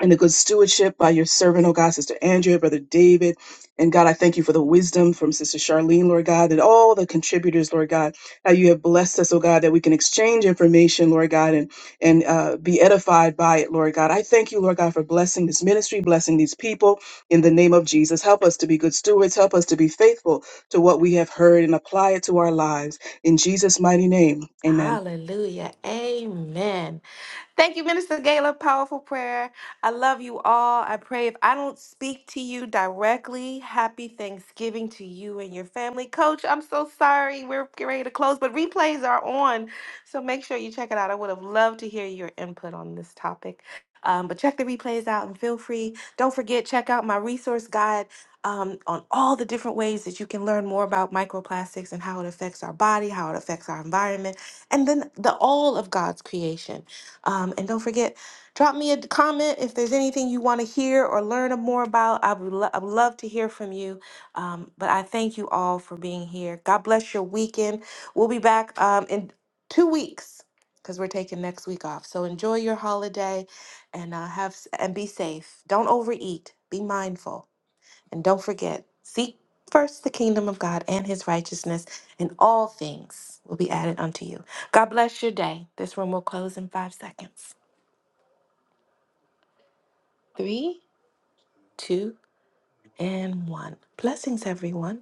and the good stewardship by your servant, oh God, Sister Andrea, Brother David. And God, I thank you for the wisdom from Sister Charlene, Lord God, and all the contributors, Lord God, how you have blessed us, oh God, that we can exchange information, Lord God, and, and uh, be edified by it, Lord God. I thank you, Lord God, for blessing this ministry, blessing these people in the name of Jesus. Help us to be good stewards. Help us to be faithful to what we have heard and apply it to our lives. In Jesus' mighty name, amen.
Hallelujah. Amen. Thank you, Minister Gala. Powerful prayer. I love you all. I pray if I don't speak to you directly, happy Thanksgiving to you and your family. Coach, I'm so sorry. We're getting ready to close, but replays are on. So make sure you check it out. I would have loved to hear your input on this topic. Um, but check the replays out and feel free. Don't forget, check out my resource guide um, on all the different ways that you can learn more about microplastics and how it affects our body, how it affects our environment, and then the all of God's creation. Um, and don't forget, drop me a comment if there's anything you want to hear or learn more about. I would, lo- I would love to hear from you. Um, but I thank you all for being here. God bless your weekend. We'll be back um, in two weeks because we're taking next week off. So enjoy your holiday and uh, have s- and be safe. Don't overeat. Be mindful. And don't forget, seek first the kingdom of God and his righteousness, and all things will be added unto you. God bless your day. This room will close in five seconds. Three, two, and one. Blessings, everyone.